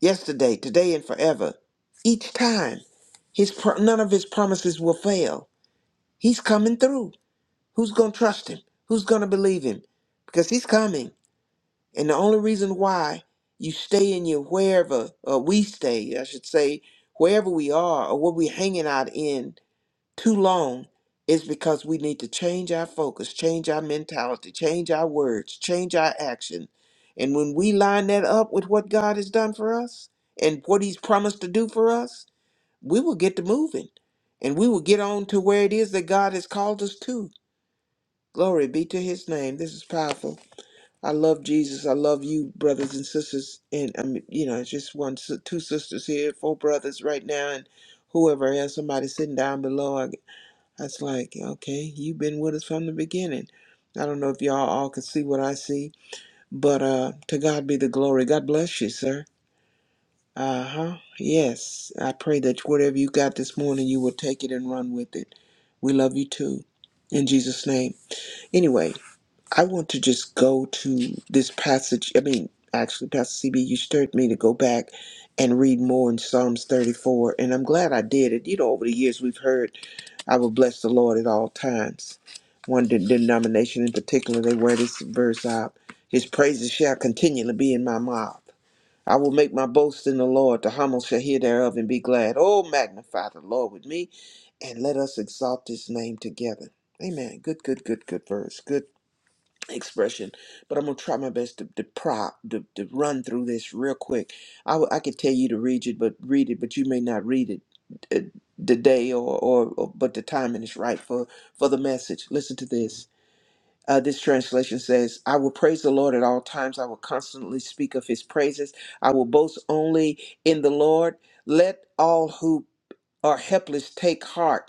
[SPEAKER 3] yesterday, today, and forever. Each time, his pro- none of his promises will fail. He's coming through. Who's gonna trust him? Who's gonna believe him? Because he's coming, and the only reason why you stay in your wherever, or we stay, I should say, wherever we are, or what we're hanging out in, too long is because we need to change our focus, change our mentality, change our words, change our action. And when we line that up with what God has done for us and what He's promised to do for us, we will get to moving and we will get on to where it is that God has called us to. Glory be to His name. This is powerful. I love Jesus. I love you, brothers and sisters. And I mean, you know, it's just one, si- two sisters here, four brothers right now, and whoever else, somebody sitting down below. That's like, okay, you've been with us from the beginning. I don't know if y'all all can see what I see, but uh, to God be the glory. God bless you, sir. Uh huh. Yes, I pray that whatever you got this morning, you will take it and run with it. We love you too. In Jesus' name. Anyway, I want to just go to this passage. I mean, actually, Pastor CB, you stirred me to go back and read more in Psalms 34, and I'm glad I did it. You know, over the years, we've heard. I will bless the Lord at all times. One de- denomination in particular, they wear this verse out. His praises shall continually be in my mouth. I will make my boast in the Lord. The humble shall hear thereof and be glad. Oh, magnify the Lord with me, and let us exalt his name together. Amen. Good, good, good, good verse. Good expression, but I'm gonna try my best to, to prop to, to run through this real quick. I, w- I could tell you to read it, but read it, but you may not read it uh, today or, or, or but the timing is right for for the message. Listen to this. Uh, this translation says, "I will praise the Lord at all times. I will constantly speak of His praises. I will boast only in the Lord. Let all who are helpless take heart."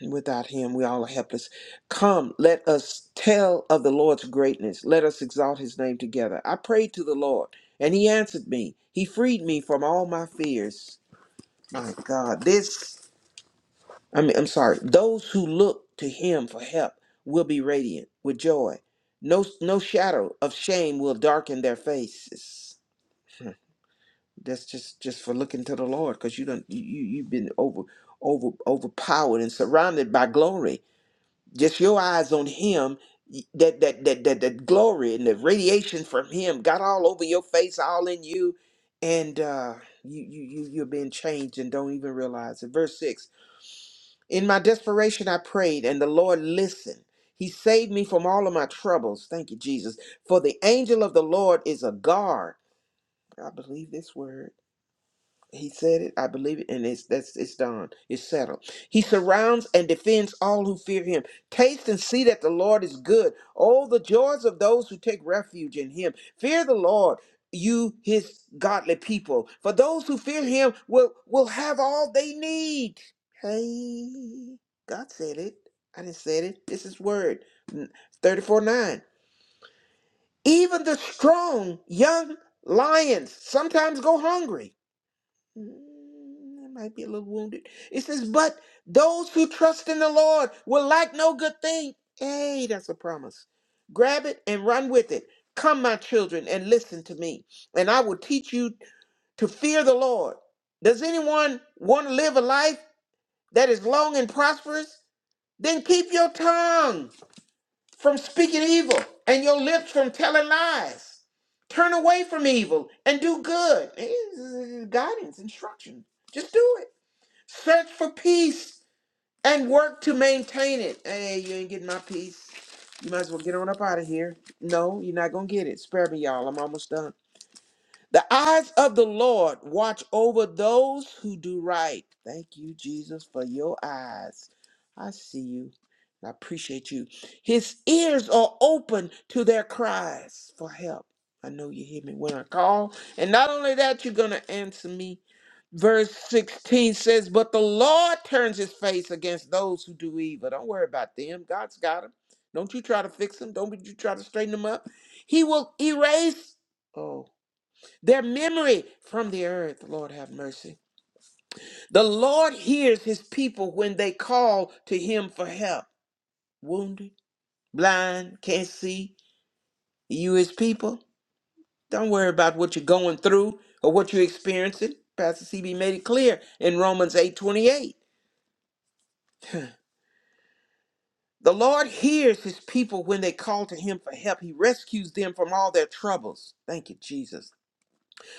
[SPEAKER 3] And Without him, we all are helpless. Come, let us tell of the Lord's greatness. Let us exalt his name together. I prayed to the Lord, and he answered me. He freed me from all my fears. My God, this, I mean, I'm sorry. Those who look to him for help will be radiant with joy. No, no shadow of shame will darken their faces. That's just just for looking to the Lord, because you don't you you- you've been over over overpowered and surrounded by glory just your eyes on him y- that that that that, that glory and the radiation from him got all over your face all in you and uh you you you you're being changed and don't even realize it verse 6 in my desperation i prayed and the lord listened he saved me from all of my troubles thank you jesus for the angel of the lord is a guard i believe this word he said it, I believe it, and it's that's it's done. It's settled. He surrounds and defends all who fear him. Taste and see that the Lord is good. Oh, the joys of those who take refuge in him. Fear the Lord, you his godly people. For those who fear him will will have all they need. Hey, God said it. I didn't say it. This is word 34 9. Even the strong young lions sometimes go hungry Mm, I might be a little wounded. It says, but those who trust in the Lord will lack no good thing. Hey, that's a promise. Grab it and run with it. Come, my children, and listen to me, and I will teach you to fear the Lord. Does anyone want to live a life that is long and prosperous? Then keep your tongue from speaking evil and your lips from telling lies. Turn away from evil and do good. It's guidance, instruction. Just do it. Search for peace and work to maintain it. Hey, you ain't getting my peace. You might as well get on up out of here. No, you're not gonna get it. Spare me, y'all. I'm almost done. The eyes of the Lord watch over those who do right. Thank you, Jesus, for your eyes. I see you. I appreciate you. His ears are open to their cries for help. I know you hear me when I call. And not only that, you're going to answer me. Verse 16 says, But the Lord turns his face against those who do evil. Don't worry about them. God's got them. Don't you try to fix them. Don't you try to straighten them up. He will erase. Oh their memory from the earth, Lord have mercy. The Lord hears his people when they call to him for help. Wounded, blind, can't see. You, his people, don't worry about what you're going through or what you're experiencing. Pastor CB made it clear in Romans 8:28. The Lord hears his people when they call to him for help. He rescues them from all their troubles. Thank you, Jesus.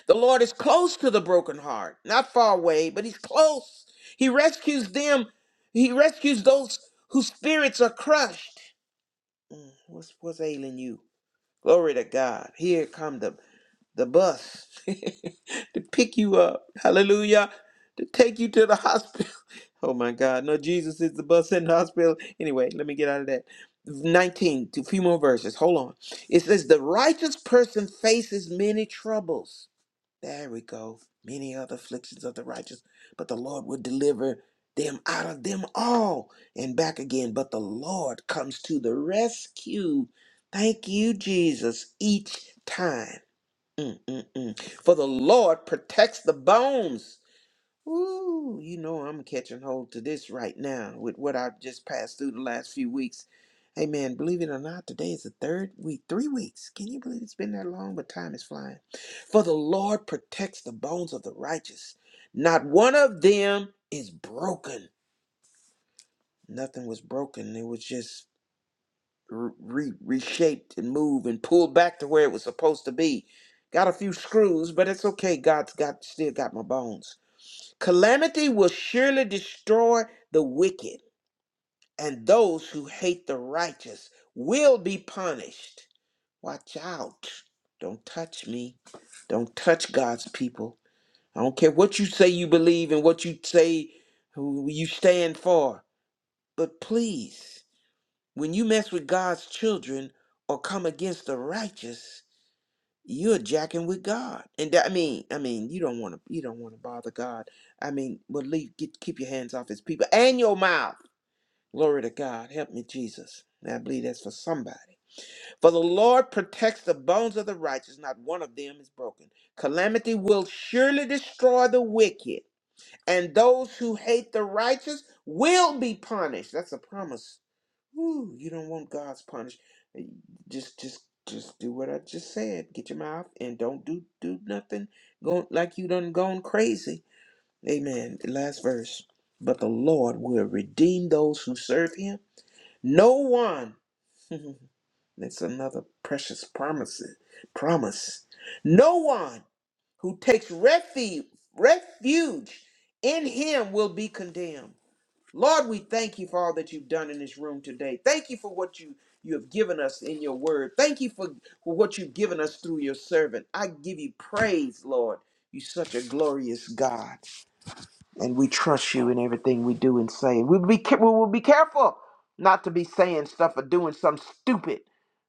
[SPEAKER 3] The Lord is close to the broken heart, not far away, but he's close. He rescues them. He rescues those whose spirits are crushed. Mm, What's what's ailing you? Glory to God. Here come the the bus to pick you up. Hallelujah. To take you to the hospital. Oh my God. No, Jesus is the bus in the hospital. Anyway, let me get out of that. 19 to a few more verses. Hold on. It says the righteous person faces many troubles there we go. Many other afflictions of the righteous, but the Lord will deliver them out of them all and back again. But the Lord comes to the rescue. Thank you, Jesus, each time. Mm, mm, mm. For the Lord protects the bones. Ooh, you know I'm catching hold to this right now with what I've just passed through the last few weeks. Hey man, believe it or not, today is the third week, three weeks. Can you believe it's been that long? But time is flying. For the Lord protects the bones of the righteous. Not one of them is broken. Nothing was broken. It was just re- reshaped and moved and pulled back to where it was supposed to be. Got a few screws, but it's okay. God's got still got my bones. Calamity will surely destroy the wicked, and those who hate the righteous will be punished. Watch out. Don't touch me. Don't touch God's people. I don't care what you say you believe and what you say who you stand for. But please, when you mess with God's children or come against the righteous, you're jacking with God. And that, I mean, I mean, you don't want to, you don't want to bother God. I mean, well, leave, get, keep your hands off His people and your mouth. Glory to God. Help me, Jesus. And I believe that's for somebody. For the Lord protects the bones of the righteous; not one of them is broken. Calamity will surely destroy the wicked, and those who hate the righteous will be punished. That's a promise Whew, you don't want God's punish. eh, Just, just, just do what I just said. Get your mouth and don't do do nothing. Go like you done gone crazy. Amen. The last verse. But the Lord will redeem those who serve Him. No one. That's another precious promise. Promise. No one who takes refuge refuge in Him will be condemned Lord, we thank you for all that you've done in this room today. Thank you for what you you have given us in your word. Thank you for, for what you've given us through your servant. I give you praise, Lord. You're such a glorious God, and we trust you in everything we do and say. We'll be ca- we will be careful not to be saying stuff or doing something stupid,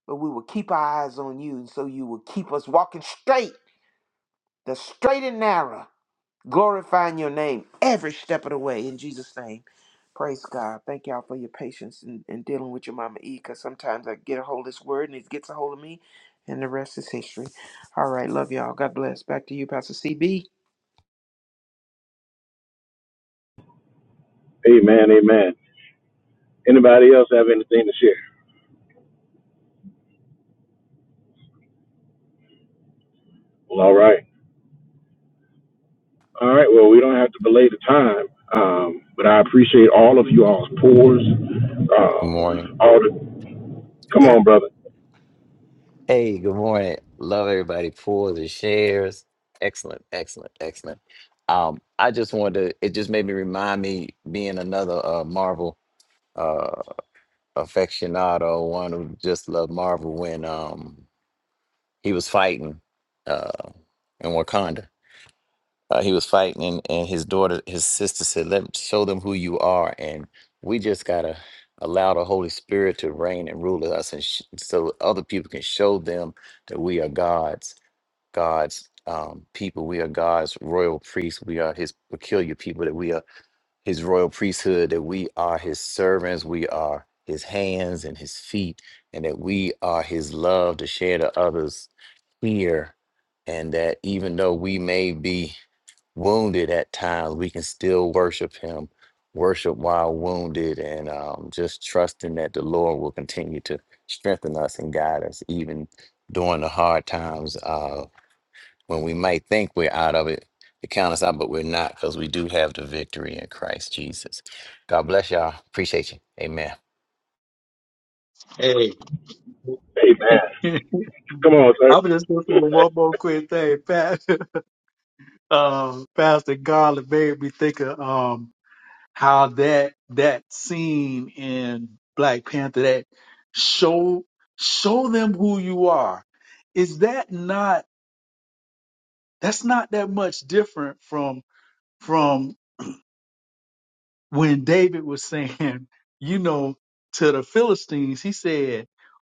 [SPEAKER 3] but we will keep our eyes on you, and so you will keep us walking straight, the straight and narrow glorifying your name every step of the way in Jesus' name. Praise God. Thank y'all for your patience and, and dealing with your mama E because sometimes I get a hold of this word and it gets a hold of me and the rest is history. All right. Love y'all. God bless. Back to you, Pastor CB.
[SPEAKER 2] Amen, amen. Anybody else have anything to share? Well, all right. All right, well, we don't have to belay the time, um, but I appreciate all of you all's pours.
[SPEAKER 6] Good
[SPEAKER 2] Um,
[SPEAKER 6] morning.
[SPEAKER 2] all the, come
[SPEAKER 3] There.
[SPEAKER 2] on, brother.
[SPEAKER 6] Hey, good morning. Love everybody. Pulls and shares. Excellent, excellent, excellent. Um, I just wanted to. It just made me remind me being another uh, Marvel uh, aficionado, one who just loved Marvel when um, he was fighting uh, in Wakanda. uh, he was fighting and, and his daughter his sister said let show them who you are and we just gotta allow the holy spirit to reign and rule us and sh- so other people can show them that we are god's god's um, people we are god's royal priests we are his peculiar people that we are his royal priesthood that we are his servants we are his hands and his feet and that we are his love to share to others here and that even though we may be wounded at times, we can still worship Him, worship while wounded, and um, just trusting that the Lord will continue to strengthen us and guide us, even during the hard times uh, when we might think we're out of it. They count us out, but we're not because we do have the victory in Christ Jesus. God bless y'all. Appreciate you. Amen.
[SPEAKER 2] Amen. Come on, sir.
[SPEAKER 5] I'm just listening to one more quick thing. Pat, um, Pastor Garland made me think of. Um, how that that scene in Black Panther that show show them who you are. Is that not that's not that much different from from when David was saying, you know, to the Philistines, he said,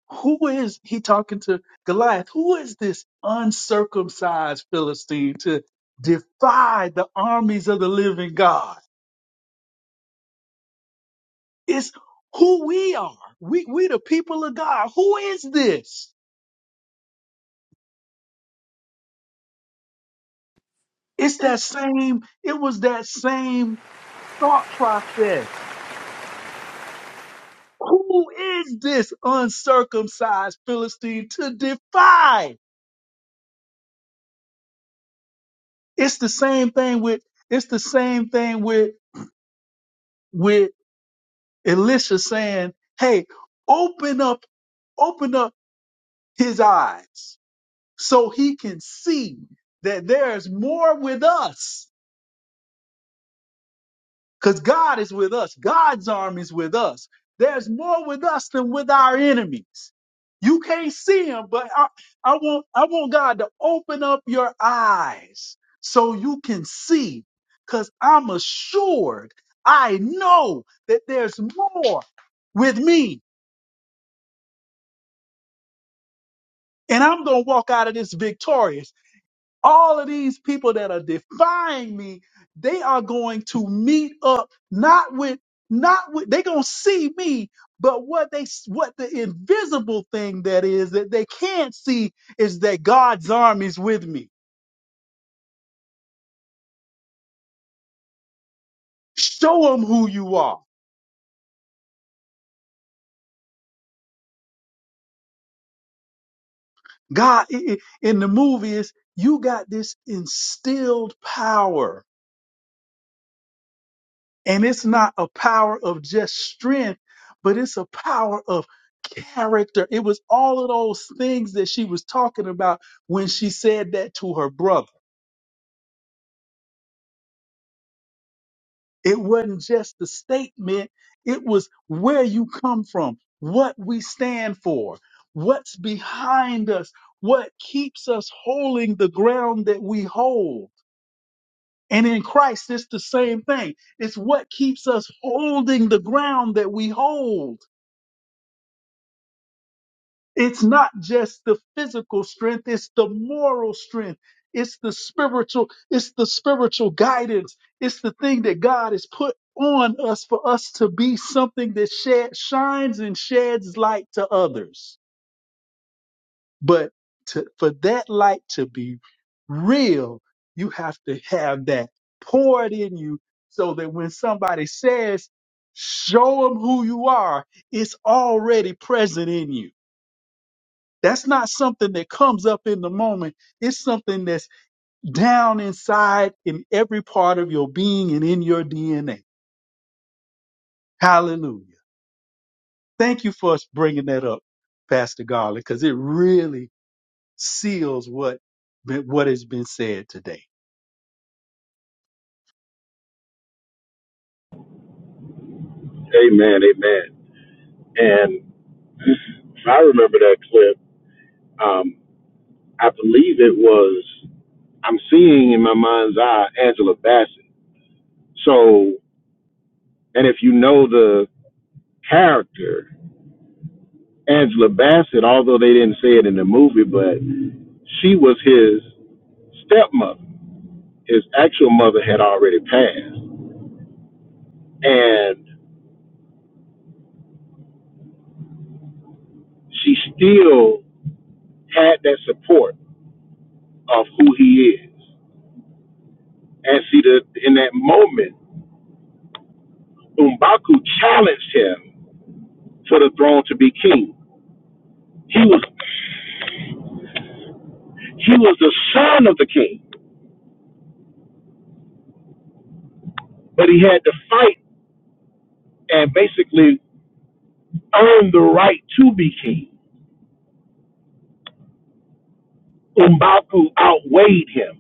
[SPEAKER 5] Who is he talking to Goliath? Who is this uncircumcised Philistine to defy the armies of the living God? It's who we are. We we the people of God. Who is this? It's that same, it was that same thought process. Who is this uncircumcised Philistine to defy? It's the same thing with it's the same thing with with Elisha saying, Hey, open up, open up his eyes so he can see that there's more with us because God is with us. God's arm is with us. There's more with us than with our enemies. You can't see them, but I, I want I want God to open up your eyes so you can see. Cause I'm assured, I know that there's more with me, and I'm gonna walk out of this victorious. all of these people that are defying me, they are going to meet up not with not with they're going to see me, but what they what the invisible thing that is that they can't see is that God's army is with me. Show them who you are. God i- i- in the movie is you got this instilled power And it's not a power of just strength, but it's a power of character. It was all of those things that she was talking about when she said that to her brother. It wasn't just the statement, it was where you come from, what we stand for, what's behind us, what keeps us holding the ground that we hold. And in Christ, it's the same thing. It's what keeps us holding the ground that we hold It's not just the physical strength, it's the moral strength. It's the spiritual, it's the spiritual guidance. It's the thing that God has put on us for us to be something that shed, shines and sheds light to others. But to, for that light to be real, you have to have that poured in you so that when somebody says, show them who you are, it's already present in you that's not something that comes up in the moment. It's something that's down inside in every part of your being and in your DNA. Hallelujah. Thank you for bringing that up, Pastor Garland, because it really seals what, what has been said today.
[SPEAKER 2] Amen, amen. And I remember that clip. Um, I believe it was, I'm seeing in my mind's eye Angela Bassett. So, and if you know the character, Angela Bassett, although they didn't say it in the movie, but she was his stepmother. His actual mother had already passed. And she still had that support of who he is. And see, the, in that moment, Umbaku challenged him for the throne to be king. He was he was the son of the king, but he had to fight and basically earn the right to be king. Umbaku outweighed him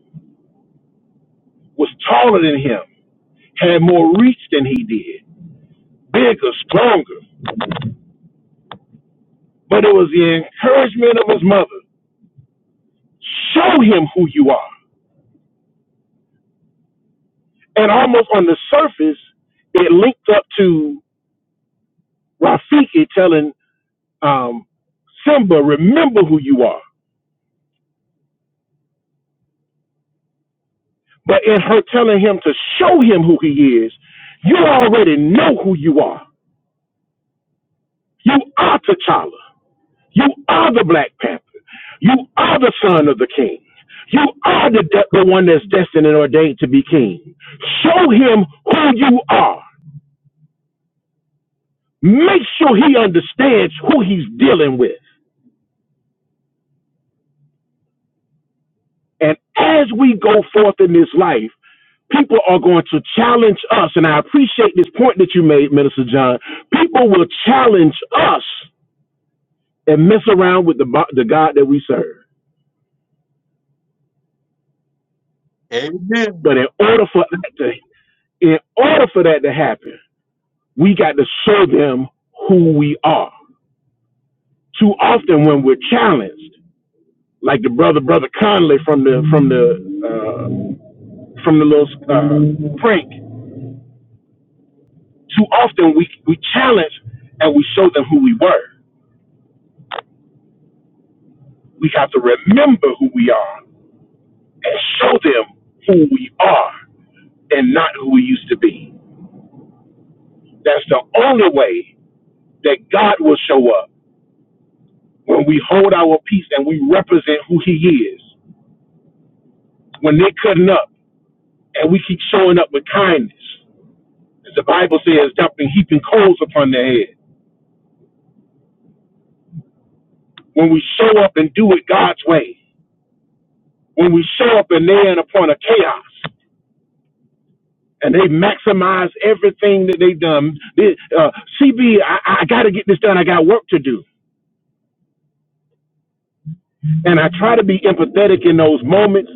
[SPEAKER 2] was taller than him, had more reach than he did, bigger, stronger. But it was the encouragement of his mother. Show him who you are. And almost on the surface, it linked up to Rafiki telling um, Simba, remember who you are. But in her telling him to show him who he is, you already know who you are. You are T'Challa. You are the Black Panther. You are the son of the king. You are the, de- the one that's destined and ordained to be king. Show him who you are. Make sure he understands who he's dealing with. And as we go forth in this life, people are going to challenge us. And I appreciate this point that you made, Minister John. People will challenge us and mess around with the, the God that we serve.
[SPEAKER 5] Amen.
[SPEAKER 2] But in order for that to, in order for that to happen, we got to show them who we are. Too often when we're challenged, like the brother, brother Conley from the from the uh, from the little uh, prank, too often we we challenge and we show them who we were. We have to remember who we are and show them who we are and not who we used to be. That's the only way that God will show up when we hold our peace and we represent who He is. When they're cutting up and we keep showing up with kindness, The Bible says, dumping heaping coals upon their head. When we show up and do it God's way, when we show up and they're in upon a chaos, and they maximize everything that they've done. They, uh, CB, I I got to get this done. I got work to do. And I try to be empathetic in those moments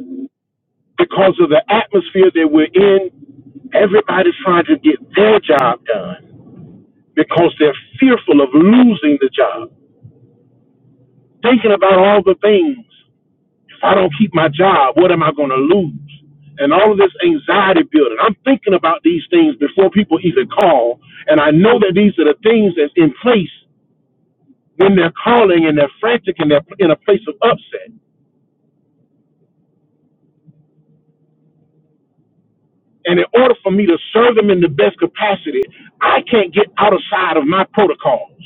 [SPEAKER 2] because of the atmosphere that we're in. Everybody's trying to get their job done because they're fearful of losing the job, thinking about all the things. If I don't keep my job, what am I going to lose? And all of this anxiety building. I'm thinking about these things before people even call. And I know that these are the things that's in place when they're calling and they're frantic and they're in a place of upset. And in order for me to serve them in the best capacity, I can't get outside of my protocols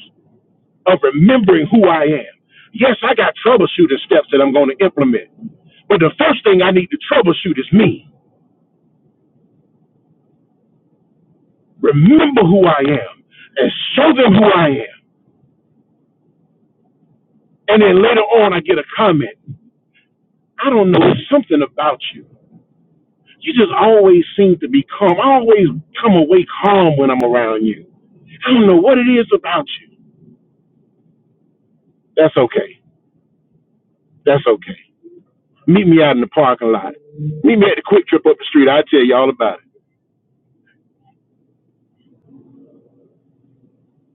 [SPEAKER 2] of remembering who I am. Yes, I got troubleshooting steps that I'm going to implement. But the first thing I need to troubleshoot is me. Remember who I am and show them who I am. And then later on, I get a comment. I don't know, it's something about you. You just always seem to be calm. I always come away calm when I'm around you. I don't know what it is about you. That's okay. That's okay. Meet me out in the parking lot. Meet me at the quick trip up the street. I'll tell you all about it.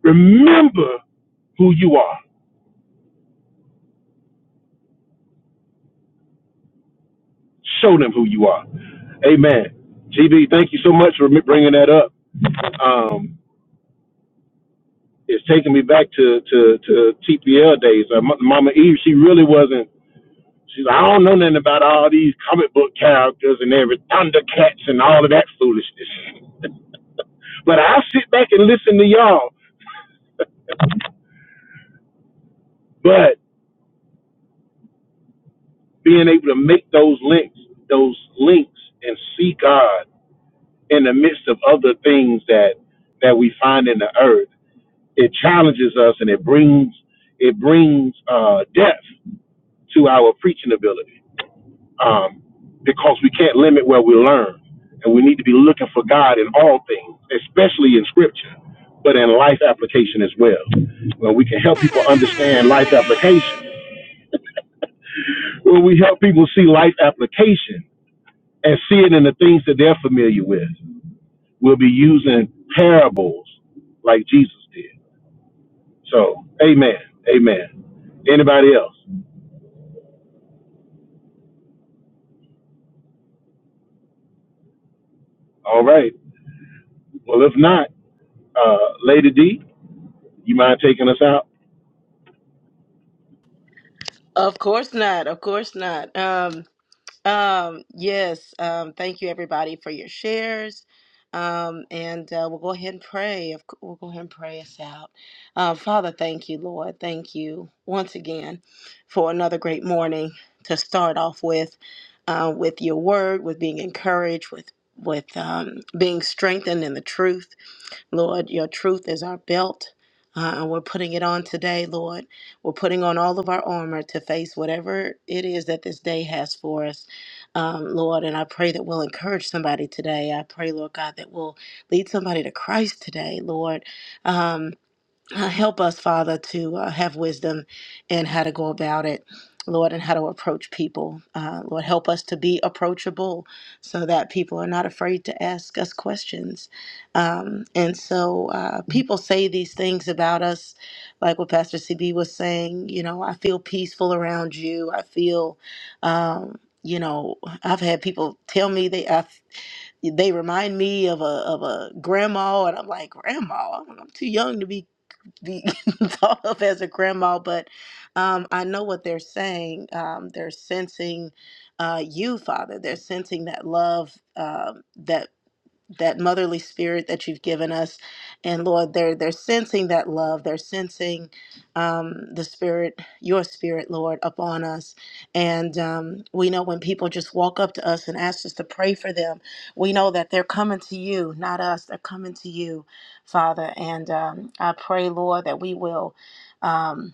[SPEAKER 2] Remember who you are. Show them who you are. Amen. GB, thank you so much for bringing that up. Um, it's taking me back to to to TPL days. Uh, M- Mama Eve, she really wasn't. She's like, I don't know nothing about all these comic book characters and every Thundercats and all of that foolishness. But I sit back and listen to y'all. But being able to make those links, those links, and see God in the midst of other things that that we find in the earth, it challenges us and it brings it brings uh, depth to our preaching ability um, because we can't limit where we learn. And we need to be looking for God in all things, especially in scripture, but in life application as well. When we can help people understand life application, when we help people see life application and see it in the things that they're familiar with, we'll be using parables like Jesus did. So, amen. Amen. Anybody else? All right. Well, if not, uh, Lady D, you mind taking us out?
[SPEAKER 4] Of course not. Of course not. Um, um, yes. Um, thank you, everybody, for your shares. Um, and uh, we'll go ahead and pray. Of cou- We'll go ahead and pray us out. Uh, Father, thank you, Lord. Thank you once again for another great morning to start off with, uh, with your word, with being encouraged, with with um, being strengthened in the truth. Lord, your truth is our belt. Uh, and we're putting it on today, Lord. We're putting on all of our armor to face whatever it is that this day has for us, um, Lord. And I pray that we'll encourage somebody today. I pray, Lord God, that we'll lead somebody to Christ today, Lord. Um, uh, help us, Father, to uh, have wisdom in how to go about it, Lord, and how to approach people. Uh, Lord, help us to be approachable so that people are not afraid to ask us questions. Um, and so uh, people say these things about us, like what Pastor CB was saying, you know, I feel peaceful around you. I feel. Um, you know, I've had people tell me they I, they remind me of a of a grandma, and I'm like, grandma, I'm I'm too young to be be thought of as a grandma, but um, I know what they're saying. Um, they're sensing uh, you, Father. They're sensing that love um that that motherly spirit that you've given us and lord they're they're sensing that love they're sensing um, the spirit your spirit lord upon us and um, we know when people just walk up to us and ask us to pray for them we know that they're coming to you not us they're coming to you father and um, i pray lord that we will um,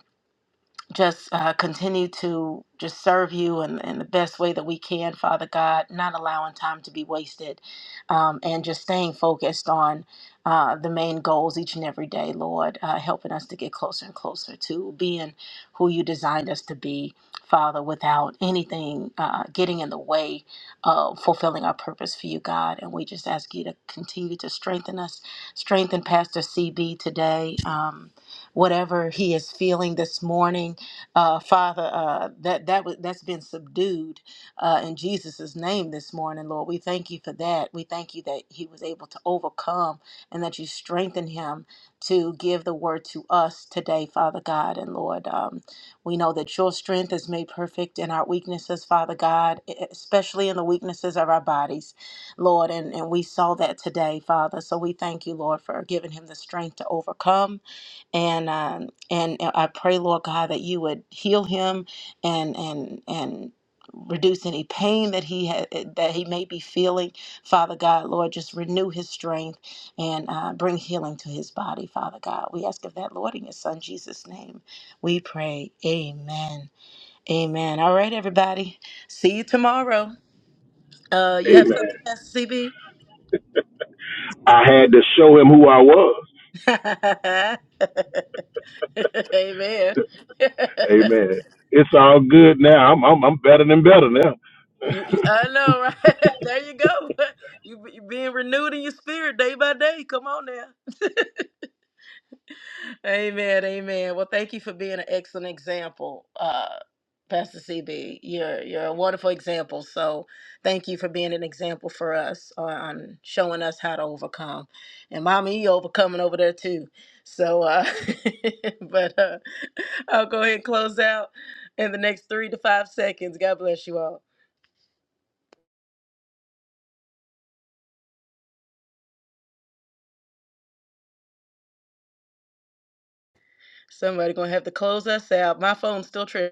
[SPEAKER 4] just uh, continue to just serve you in, in the best way that we can, Father God, not allowing time to be wasted um, and just staying focused on uh, the main goals each and every day, Lord, uh, helping us to get closer and closer to being who you designed us to be, Father, without anything uh, getting in the way of fulfilling our purpose for you, God. And we just ask you to continue to strengthen us, strengthen Pastor CB today, um, whatever he is feeling this morning uh, Father, uh, that that was that's been subdued uh, in Jesus' name this morning, Lord. We thank you for that. We thank you that he was able to overcome and that you strengthened him to give the word to us today, Father God and Lord. Um, we know that your strength is made perfect in our weaknesses, Father God, e- e, especially in the weaknesses of our bodies, Lord. And, and we saw that today, Father. So we thank you, Lord, for giving him the strength to overcome and uh, I pray, Lord God, that you would heal him and and and reduce any pain that he ha- eh, that he may be feeling. Father God, Lord, just renew his strength and uh, bring healing to his body. Father God, we ask of that, Lord, in your Son Jesus' name, we pray. Amen. Amen. All right, everybody. See you tomorrow. Uh, you have
[SPEAKER 2] Amen.
[SPEAKER 4] something, Pastor
[SPEAKER 2] I had to show him who I was.
[SPEAKER 4] CB? Amen.
[SPEAKER 2] Amen. It's all good now. I'm I'm, I'm better than better now.
[SPEAKER 4] You, I know, right? there you go. You, you being renewed in your spirit day by day. Come on now. amen. Amen. Well, thank you for being an excellent example, uh, Pastor CB. You're you're a wonderful example. So thank you for being an example for us on, on showing us how to overcome. And mommy, you overcoming over there too. So, uh, but uh, I'll go ahead and close out in the next three to five seconds. God bless you all. Somebody gonna have to close us out. My phone's still tripping.